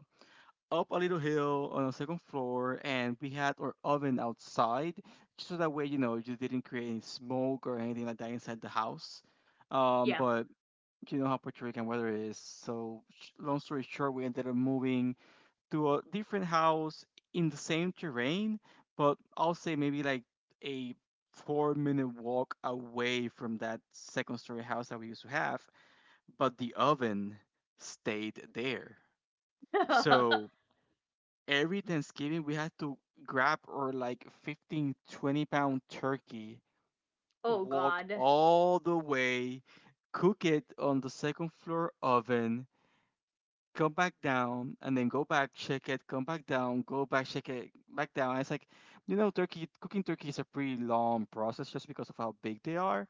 Speaker 2: up a little hill on a second floor, and we had our oven outside, just so that way, you didn't create any smoke or anything like that inside the house. Um,
Speaker 1: Yeah.
Speaker 2: but you know how Puerto Rican weather is. So, long story short, we ended up moving to a different house in the same terrain, but I'll say maybe like a 4-minute walk away from that second-story house that we used to have. But the oven stayed there. So every Thanksgiving we had to grab our like 15, 20 pound turkey,
Speaker 1: Oh
Speaker 2: walk
Speaker 1: God.
Speaker 2: all the way, cook it on the second floor oven, come back down, and then go back, check it, come back down, go back, check it, back down. And it's like, turkey cooking turkey is a pretty long process just because of how big they are.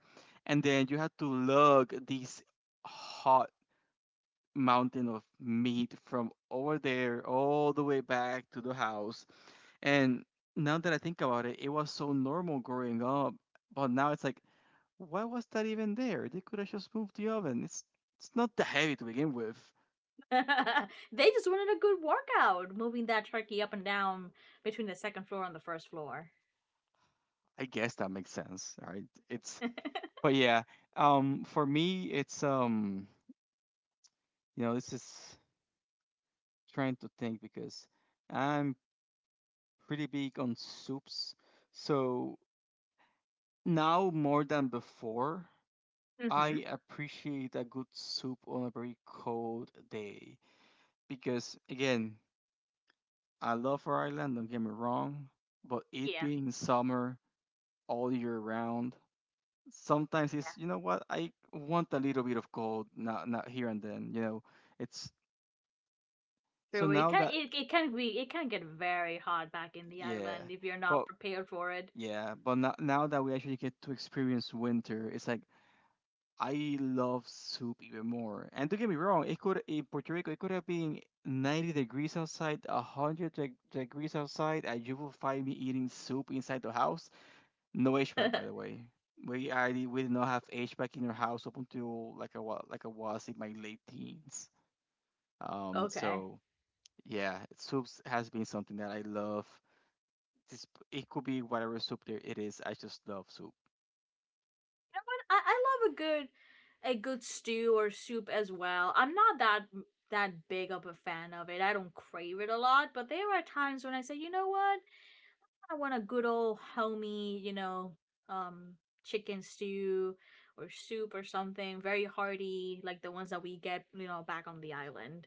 Speaker 2: And then you had to lug these hot mountain of meat from over there all the way back to the house and now that I think about it, it was so normal growing up, but now it's like, why was that even there? They could have just moved the oven. It's not that heavy to begin with.
Speaker 1: They just wanted a good workout, moving that turkey up and down between the second floor and the first floor.
Speaker 2: I guess that makes sense. All right. It's but yeah, for me it's you know, this is trying to think because I'm pretty big on soups. So now more than before,
Speaker 1: Mm-hmm.
Speaker 2: I appreciate a good soup on a very cold day because again I love Ireland, don't get me wrong, but it
Speaker 1: Yeah,
Speaker 2: being summer all year round, sometimes
Speaker 1: yeah.
Speaker 2: it's you know what I want a little bit of cold, not here and then, It's so
Speaker 1: True. It
Speaker 2: now
Speaker 1: can
Speaker 2: that
Speaker 1: it, it can be it can get very hot back in the
Speaker 2: yeah,
Speaker 1: island if you're
Speaker 2: but
Speaker 1: not prepared for it.
Speaker 2: yeah, but now that we actually get to experience winter, it's like I love soup even more. And don't get me wrong, it could in Puerto Rico, it could have been 90 degrees outside, 100 degrees outside, and you will find me eating soup inside the house. No HVAC,
Speaker 1: Okay.
Speaker 2: by the way. We did not have HVAC in our house up until like I was in my late teens. Um,
Speaker 1: I,
Speaker 2: so yeah, soups has been something that I love. It's, it could be whatever soup there it is. I just love soup.
Speaker 1: I love a good stew or soup as well. I'm not that big of a fan of it. I don't crave it a lot, but there are times when I say, you know what? I want a good old homey, um, chicken stew or soup or something very hearty, like the ones that we get, back on the island.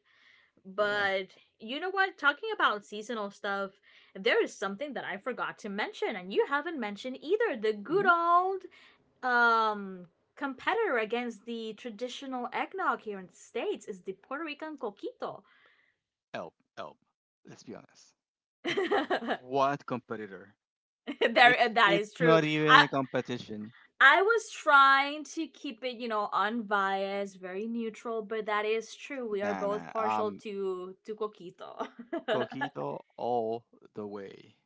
Speaker 2: Yeah.
Speaker 1: But you know what? Talking about seasonal stuff, there is something that I forgot to mention, and you haven't mentioned either the good
Speaker 2: Mhm.
Speaker 1: old um competitor against the traditional eggnog here in the States is the Puerto Rican coquito.
Speaker 2: Elb, Elb. Let's be honest. What competitor? It's
Speaker 1: There, that
Speaker 2: it's
Speaker 1: is true.
Speaker 2: not even
Speaker 1: I,
Speaker 2: a competition.
Speaker 1: I was trying to keep it, unbiased, very neutral, but that is true. We are
Speaker 2: Nah,
Speaker 1: both
Speaker 2: nah.
Speaker 1: partial
Speaker 2: Um,
Speaker 1: to Coquito.
Speaker 2: Coquito all the way.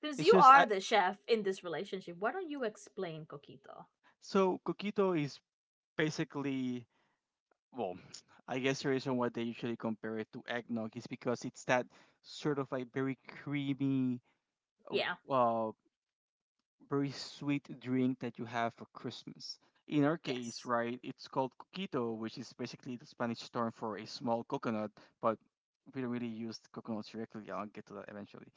Speaker 1: Since
Speaker 2: It's
Speaker 1: you
Speaker 2: just
Speaker 1: are
Speaker 2: I.
Speaker 1: the chef in this relationship, why don't you explain Coquito?
Speaker 2: So Coquito is basically. Well, I guess the reason why they usually compare it to eggnog is because it's that sort of like very creamy,
Speaker 1: Yeah,
Speaker 2: uh, very sweet drink that you have for Christmas. In our case,
Speaker 1: yes.
Speaker 2: right, it's called coquito, which is basically the Spanish term for a small coconut, but we don't really use coconuts directly. I'll get to that eventually.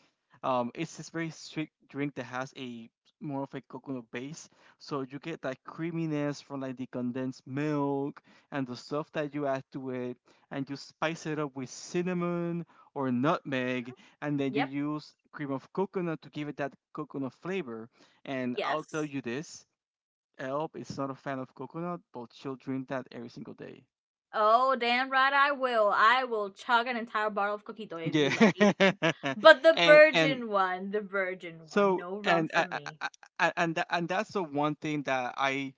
Speaker 2: It's this very sweet drink that has a more of a coconut base, so you get that creaminess from like the condensed milk and the stuff that you add to it, and you spice it up with cinnamon or nutmeg, and then you
Speaker 1: Yep,
Speaker 2: use cream of coconut to give it that coconut flavor and I'll tell
Speaker 1: yes.
Speaker 2: you this. Elb is not a fan of coconut, but she'll drink that every single day.
Speaker 1: Oh, damn right I will. I will chug an entire bottle of Coquito if you
Speaker 2: Yeah.
Speaker 1: let me.
Speaker 2: Yeah.
Speaker 1: But
Speaker 2: And
Speaker 1: the virgin one,
Speaker 2: so
Speaker 1: no rum
Speaker 2: and
Speaker 1: for me.
Speaker 2: I- and tha- and that's the one thing that I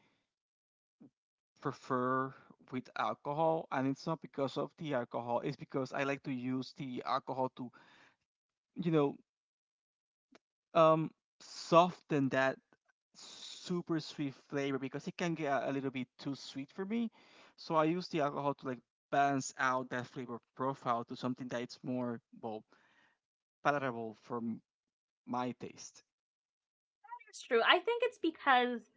Speaker 2: prefer with alcohol, and it's not because of the alcohol, it's because I like to use the alcohol to you know um soften that super sweet flavor because it can get a little bit too sweet for me. So I use the alcohol to like balance out that flavor profile to something that it's more well palatable for my taste.
Speaker 1: It's true. I think it's because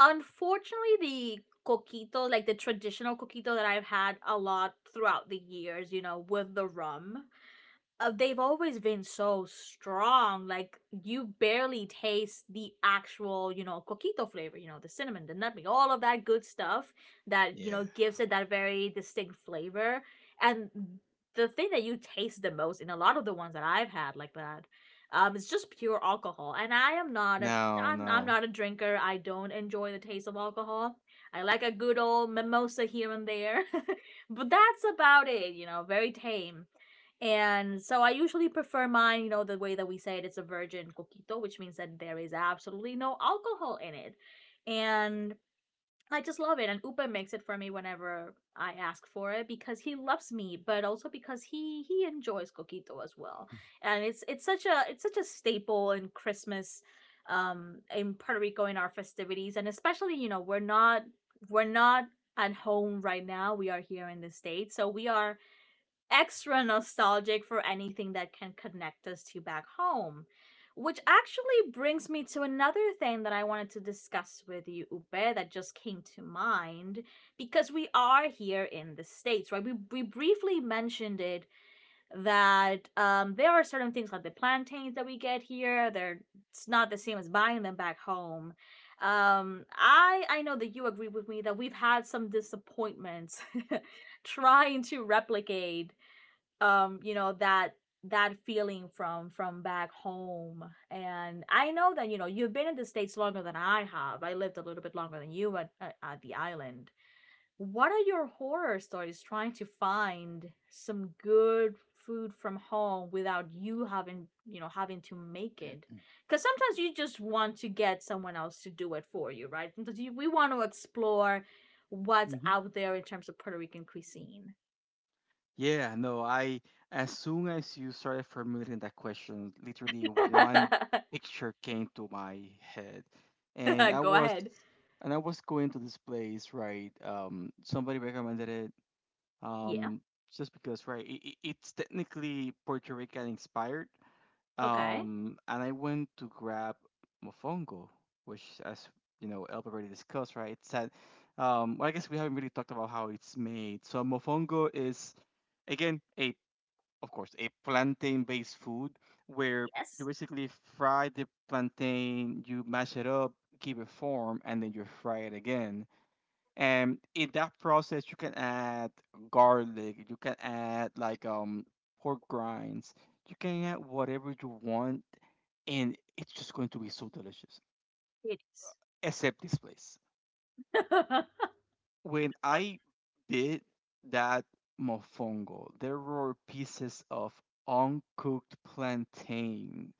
Speaker 1: unfortunately, the coquito, like the traditional coquito that I've had a lot throughout the years, with the rum, they've always been so strong. Like you barely taste the actual, coquito flavor. You know the cinnamon, the nutmeg, all of that good stuff that
Speaker 2: Yeah.
Speaker 1: gives it that very distinct flavor. And the thing that you taste the most in a lot of the ones that I've had like that, is just pure alcohol. And I am not a,
Speaker 2: No,
Speaker 1: I'm, I'm
Speaker 2: no.
Speaker 1: not a drinker. I don't enjoy the taste of alcohol. I like a good old mimosa here and there, but that's about it. You know, very tame, and so I usually prefer mine, the way that we say it, it's a virgin coquito, which means that there is absolutely no alcohol in it. And I just love it. And Upa makes it for me whenever I ask for it because he loves me, but also because he enjoys coquito as well. And it's such a staple in Christmas in Puerto Rico in our festivities. And especially, we're not at home right now. We are here in the States. So we are extra nostalgic for anything that can connect us to back home. Which actually brings me to another thing that I wanted to discuss with you, Upe, that just came to mind because we are here in the States, right? We briefly mentioned it that there are certain things like the plantains that we get here, it's not the same as buying them back home. I know that you agree with me that we've had some disappointments trying to replicate that that feeling from back home. And I know that you've been in the States longer than I have. I lived a little bit longer than you at the island. What are your horror stories trying to find some good food from home without you having, having to make it? Because sometimes you just want to get someone else to do it for you, right? Sometimes we want to explore what's
Speaker 2: Hmm.
Speaker 1: out there in terms of Puerto Rican cuisine.
Speaker 2: Yeah, no, I as soon as you started formulating that question, literally one picture came to my head, and
Speaker 1: Go ahead.
Speaker 2: I was going to this place, right? Somebody recommended it,
Speaker 1: Yeah.
Speaker 2: um, just because, right? It's technically Puerto Rican inspired.
Speaker 1: Okay.
Speaker 2: And I went to grab mofongo, which, as you know, Elb already discussed, right? It's that. Well, I guess we haven't really talked about how it's made. So mofongo is, again, a of course a plantain-based food where you
Speaker 1: Yes,
Speaker 2: basically fry the plantain, you mash it up, give it form, and then you fry it again, and in that process you can add garlic, you can add like pork grinds, you can add whatever you want, and it's just going to be so delicious,
Speaker 1: it is.
Speaker 2: except this place. When I bit that mofongo, there were pieces of uncooked plantain.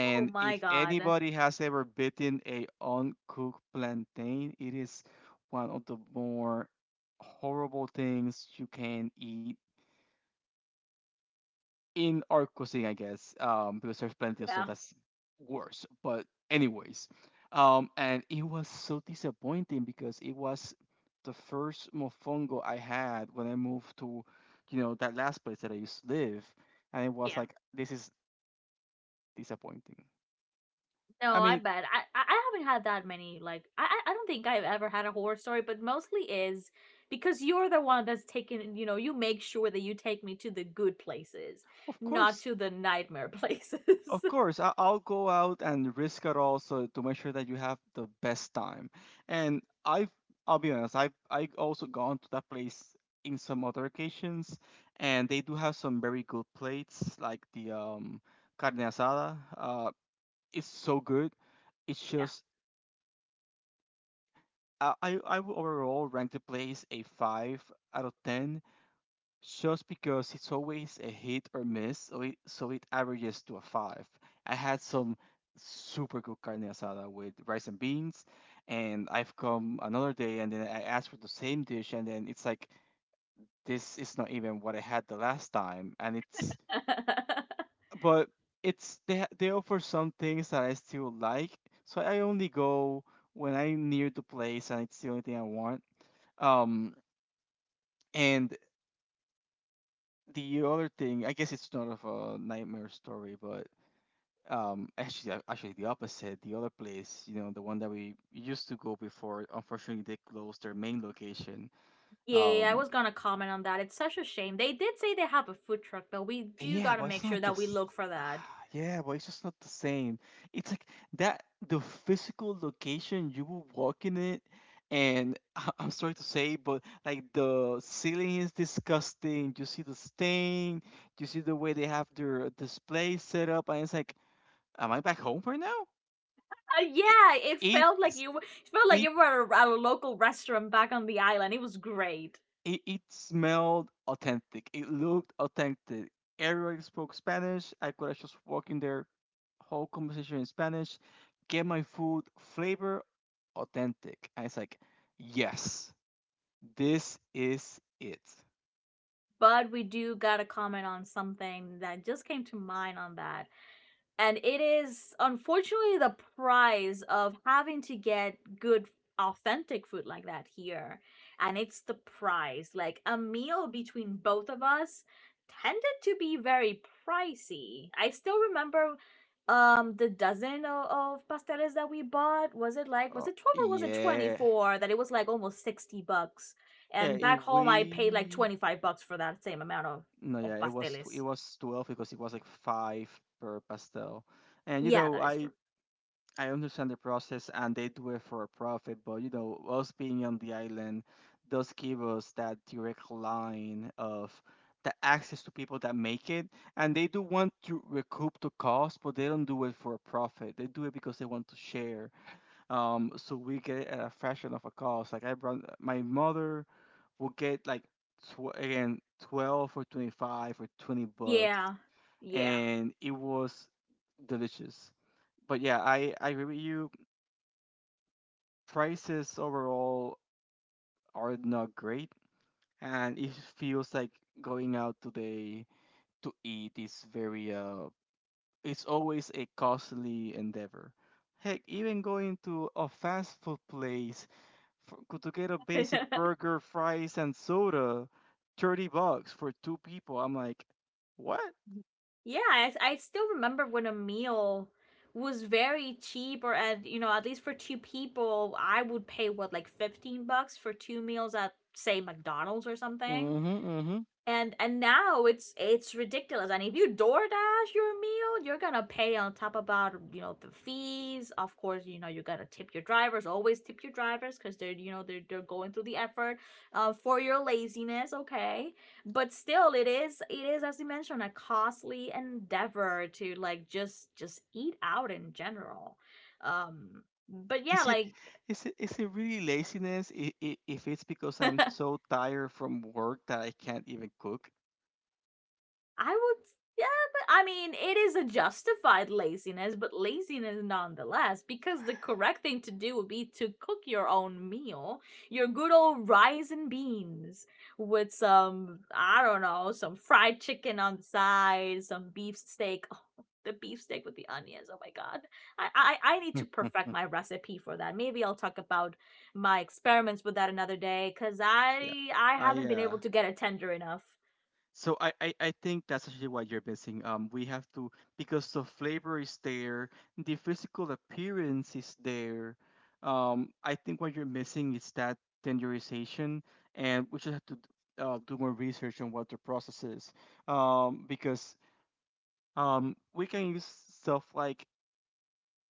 Speaker 1: Oh my
Speaker 2: if
Speaker 1: god.
Speaker 2: anybody has ever bitten a uncooked plantain, it is one of the more horrible things you can eat in our cuisine, I guess, because there's plenty of stuff
Speaker 1: Yeah.
Speaker 2: that's worse. But anyways, and it was so disappointing because it was the first mofongo I had when I moved to, you know, that last place that I used to live, and it was
Speaker 1: Yeah.
Speaker 2: like this is disappointing.
Speaker 1: No,
Speaker 2: I
Speaker 1: I
Speaker 2: mean,
Speaker 1: bet. I haven't had that many. Like I don't think I've ever had a horror story, but mostly is because you're the one that's taking. You know, you make sure that you take me to the good places,
Speaker 2: of
Speaker 1: not
Speaker 2: course.
Speaker 1: to the nightmare places.
Speaker 2: Of course, I'll go out and risk it all so to make sure that you have the best time. And I've, I'll be honest, I've also gone to that place in some other occasions, and they do have some very good plates, like the carne asada. It's so good. It's just I would overall rank the place a five out of ten just because it's always a hit or miss, so it averages to a five. I had some super good carne asada with rice and beans, and I've come another day and then I asked for the same dish, and then it's like this is not even what I had the last time, and it's
Speaker 1: Yeah.
Speaker 2: but they offer some things that I still like, so I only go when I'm near the place and it's the only thing I want. Um, and the other thing, I guess it's not of a nightmare story, but actually, actually the opposite. The other place, you know, the one that we used to go before, unfortunately, they closed their main location.
Speaker 1: Yeah, I
Speaker 2: Um,
Speaker 1: was gonna comment on that. It's such a shame. They did say they have a food truck, but we do
Speaker 2: yeah, but
Speaker 1: gotta
Speaker 2: it's
Speaker 1: make
Speaker 2: not
Speaker 1: sure
Speaker 2: the.
Speaker 1: that we
Speaker 2: S-
Speaker 1: look for that.
Speaker 2: Yeah, but it's just not the same. It's like that the physical location you will walk in it, and I'm sorry to say, but like the ceiling is disgusting. You see the stain. You see the way they have their display set up, and it's like am I back home right now? It
Speaker 1: Yeah, it
Speaker 2: it
Speaker 1: felt like you were, it felt like
Speaker 2: it
Speaker 1: you were at a local restaurant back on the island. It was great.
Speaker 2: it smelled authentic. It looked authentic. Everybody spoke Spanish. I could have just walked in there, whole conversation in Spanish, get my food, flavor, authentic. And it's like, yes, this is it.
Speaker 1: But we do gotta comment on something that just came to mind on that. And it is, unfortunately, the price of having to get good authentic food like that here. And it's the price, like a meal between both of us tended to be very pricey. I still remember the dozen of pasteles that we bought. Was it like, was
Speaker 2: Oh,
Speaker 1: it 12 or was it
Speaker 2: yeah.
Speaker 1: 24, that it was like almost 60 bucks?
Speaker 2: Yeah,
Speaker 1: And
Speaker 2: it,
Speaker 1: back home I paid like
Speaker 2: we
Speaker 1: 25 bucks for that same amount of
Speaker 2: no, yeah, it was it
Speaker 1: pasteles.
Speaker 2: was 12 because it was like five per pastel, and
Speaker 1: Yeah, that is true.
Speaker 2: I understand the process and they do it for a profit, but you know, us being on the island does give us that direct line of the access to people that make it. And they do want to recoup the cost, but they don't do it for a profit. They do it because they want to share. So we get a fraction of a cost. Like I brought my mother will get like again 12 or 25 or 20 bucks,
Speaker 1: Yeah, yeah.
Speaker 2: and it was delicious. But yeah, I agree with you, prices overall are not great, and it feels like going out today to eat is very it's always a costly endeavor. Heck, even going to a fast food place to get a basic burger, fries, and soda, 30 bucks for two people. I'm like, what?
Speaker 1: Yeah, I still remember when a meal was very cheap, or at, you know, at least for two people, I would pay what, like $15 for two meals at say McDonald's or something.
Speaker 2: Mm-hmm, mm-hmm.
Speaker 1: And now it's ridiculous. And if you DoorDash your meal, you're gonna pay on top about, you know, the fees. Of course, you know, you gotta tip your drivers. Always tip your drivers, because they're, you know, they're going through the effort, for your laziness, okay? But still, it is, it is, as you mentioned, a costly endeavor to like just eat out in general. Um, but yeah,
Speaker 2: Is it
Speaker 1: like
Speaker 2: is it is it really laziness? If it's because I'm so tired from work that I can't even cook,
Speaker 1: I would, yeah, but I mean, it is a justified laziness, but laziness nonetheless, because the correct thing to do would be to cook your own meal, your good old rice and beans, with some, I don't know, some fried chicken on the side, some beefsteak. Oh, the beefsteak with the onions. Oh my god. I need to perfect my recipe for that. Maybe I'll talk about my experiments with that another day, cuz
Speaker 2: yeah.
Speaker 1: I
Speaker 2: I
Speaker 1: haven't been able to get it tender enough.
Speaker 2: so I think that's actually what you're missing. We have to because the flavor is there, the physical appearance is there. I think what you're missing is that tenderization, and we should have to d- do more research on what the process is. Because we can use stuff like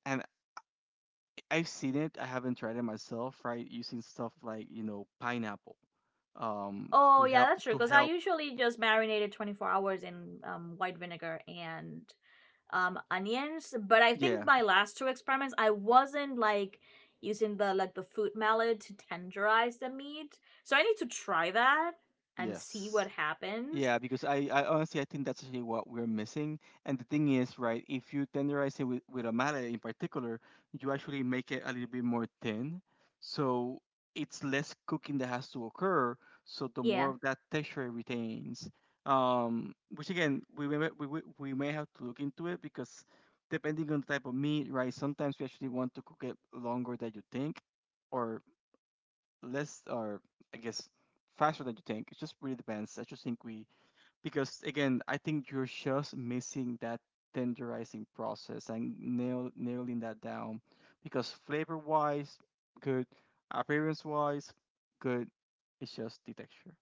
Speaker 2: and I've seen it, I haven't tried it myself, right? Using stuff like, you know, pineapple
Speaker 1: Oh yeah, that's true.
Speaker 2: to
Speaker 1: Because I
Speaker 2: help
Speaker 1: usually just marinated 24 hours in white vinegar and onions. But I think
Speaker 2: yeah,
Speaker 1: my last two experiments, I wasn't like using the food mallet to tenderize the meat. So I need to try that and see
Speaker 2: yes.
Speaker 1: what happens.
Speaker 2: Yeah, because I honestly I think that's actually what we're missing. And the thing is, right, if you tenderize it with a mallet in particular, you actually make it a little bit more thin. So it's less cooking that has to occur. So the more
Speaker 1: Yeah.
Speaker 2: of that texture it retains. Which again, we may have to look into it because depending on the type of meat, right, sometimes we actually want to cook it longer than you think or less, or I guess faster than you think. It just really depends. I just think we because again, I think you're just missing that tenderizing process and nailing that down. Because flavor wise, good. Appearance wise, good. It's just the texture.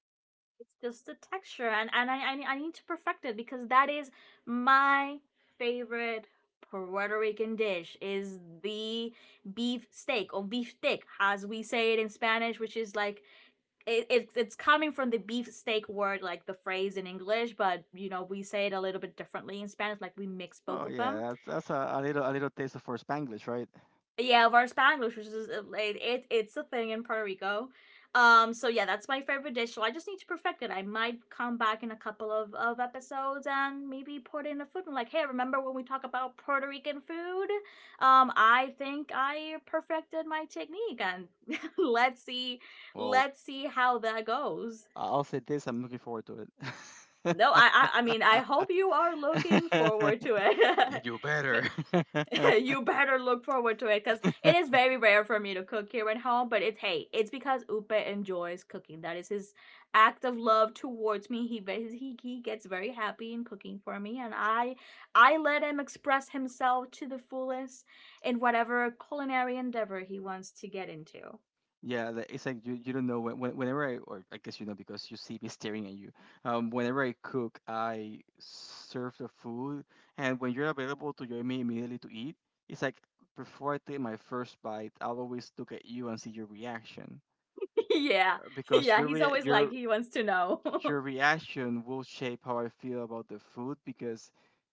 Speaker 1: It's just the texture. And I need to perfect it because that is my favorite Puerto Rican dish, is the beef steak or beef stick, as we say it in Spanish, which is like it's coming from the beef steak word, like the phrase in English, but you know we say it a little bit differently in Spanish. Like we mix both
Speaker 2: Oh
Speaker 1: of
Speaker 2: yeah,
Speaker 1: them.
Speaker 2: that's a little taste of for Spanglish, right?
Speaker 1: Yeah, Varspanglish, which is it's a thing in Puerto Rico. So yeah, that's my favorite dish. So I just need to perfect it. I might come back in a couple of episodes and maybe put in a food and like, hey, remember when we talk about Puerto Rican food? I think I perfected my technique and let's see
Speaker 2: Well,
Speaker 1: how that goes.
Speaker 2: I'll say this. I'm looking forward to it.
Speaker 1: No, I mean I hope you are looking
Speaker 2: And
Speaker 1: forward to it.
Speaker 2: you
Speaker 1: But
Speaker 2: better.
Speaker 1: you better look forward to it because it is very rare for me to cook here at home. But it's, hey, it's because Upe enjoys cooking. That is his act of love towards me. He ve- he gets very happy in cooking for me, and I let him express himself to the fullest in whatever culinary endeavor he wants to get into.
Speaker 2: Yeah, like, it's like you don't know whenever I or I guess you know because you see me staring at you. Whenever I cook, I serve the food, and when you're available to join me immediately to eat, it's like before I take my first bite, I'll always look at you and see your reaction
Speaker 1: Yeah,
Speaker 2: because
Speaker 1: yeah, he's always like he wants to know.
Speaker 2: your reaction will shape how I feel about the food because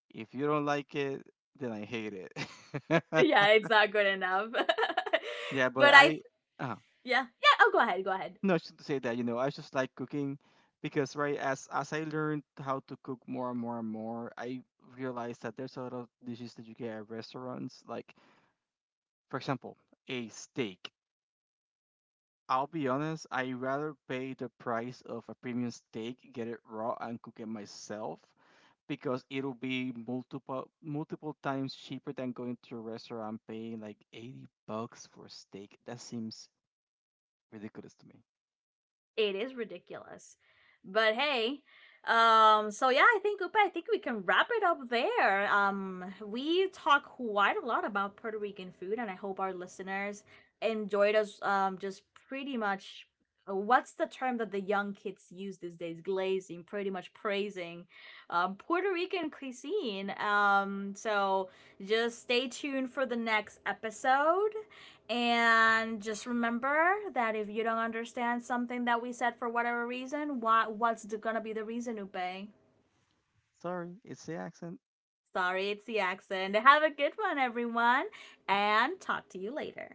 Speaker 2: if you don't like it, then I hate it.
Speaker 1: Yeah, it's not good enough.
Speaker 2: Yeah, but
Speaker 1: But I
Speaker 2: I. uh
Speaker 1: yeah, yeah. Oh, go ahead, go ahead.
Speaker 2: No, I shouldn't say that. You know, I just like cooking because right as I learned how to cook more I realized that there's a lot of dishes that you get at restaurants. Like for example, a steak. I'll be honest, I rather pay the price of a premium steak, get it raw and cook it myself because it'll be multiple times cheaper than going to a restaurant paying like 80 bucks for a steak. That seems ridiculous to me.
Speaker 1: It is ridiculous. But hey, so yeah, I think Upa, I think we can wrap it up there. We talk quite a lot about Puerto Rican food, and I hope our listeners enjoyed us. Just pretty much, what's the term that the young kids use these days? Glazing, pretty much praising, Puerto Rican cuisine. So just stay tuned for the next episode. And just remember that if you don't understand something that we said for whatever reason, what's gonna be the reason, Upe?
Speaker 2: Sorry, it's the accent.
Speaker 1: Sorry, it's the accent. Have a good one, everyone, and talk to you later.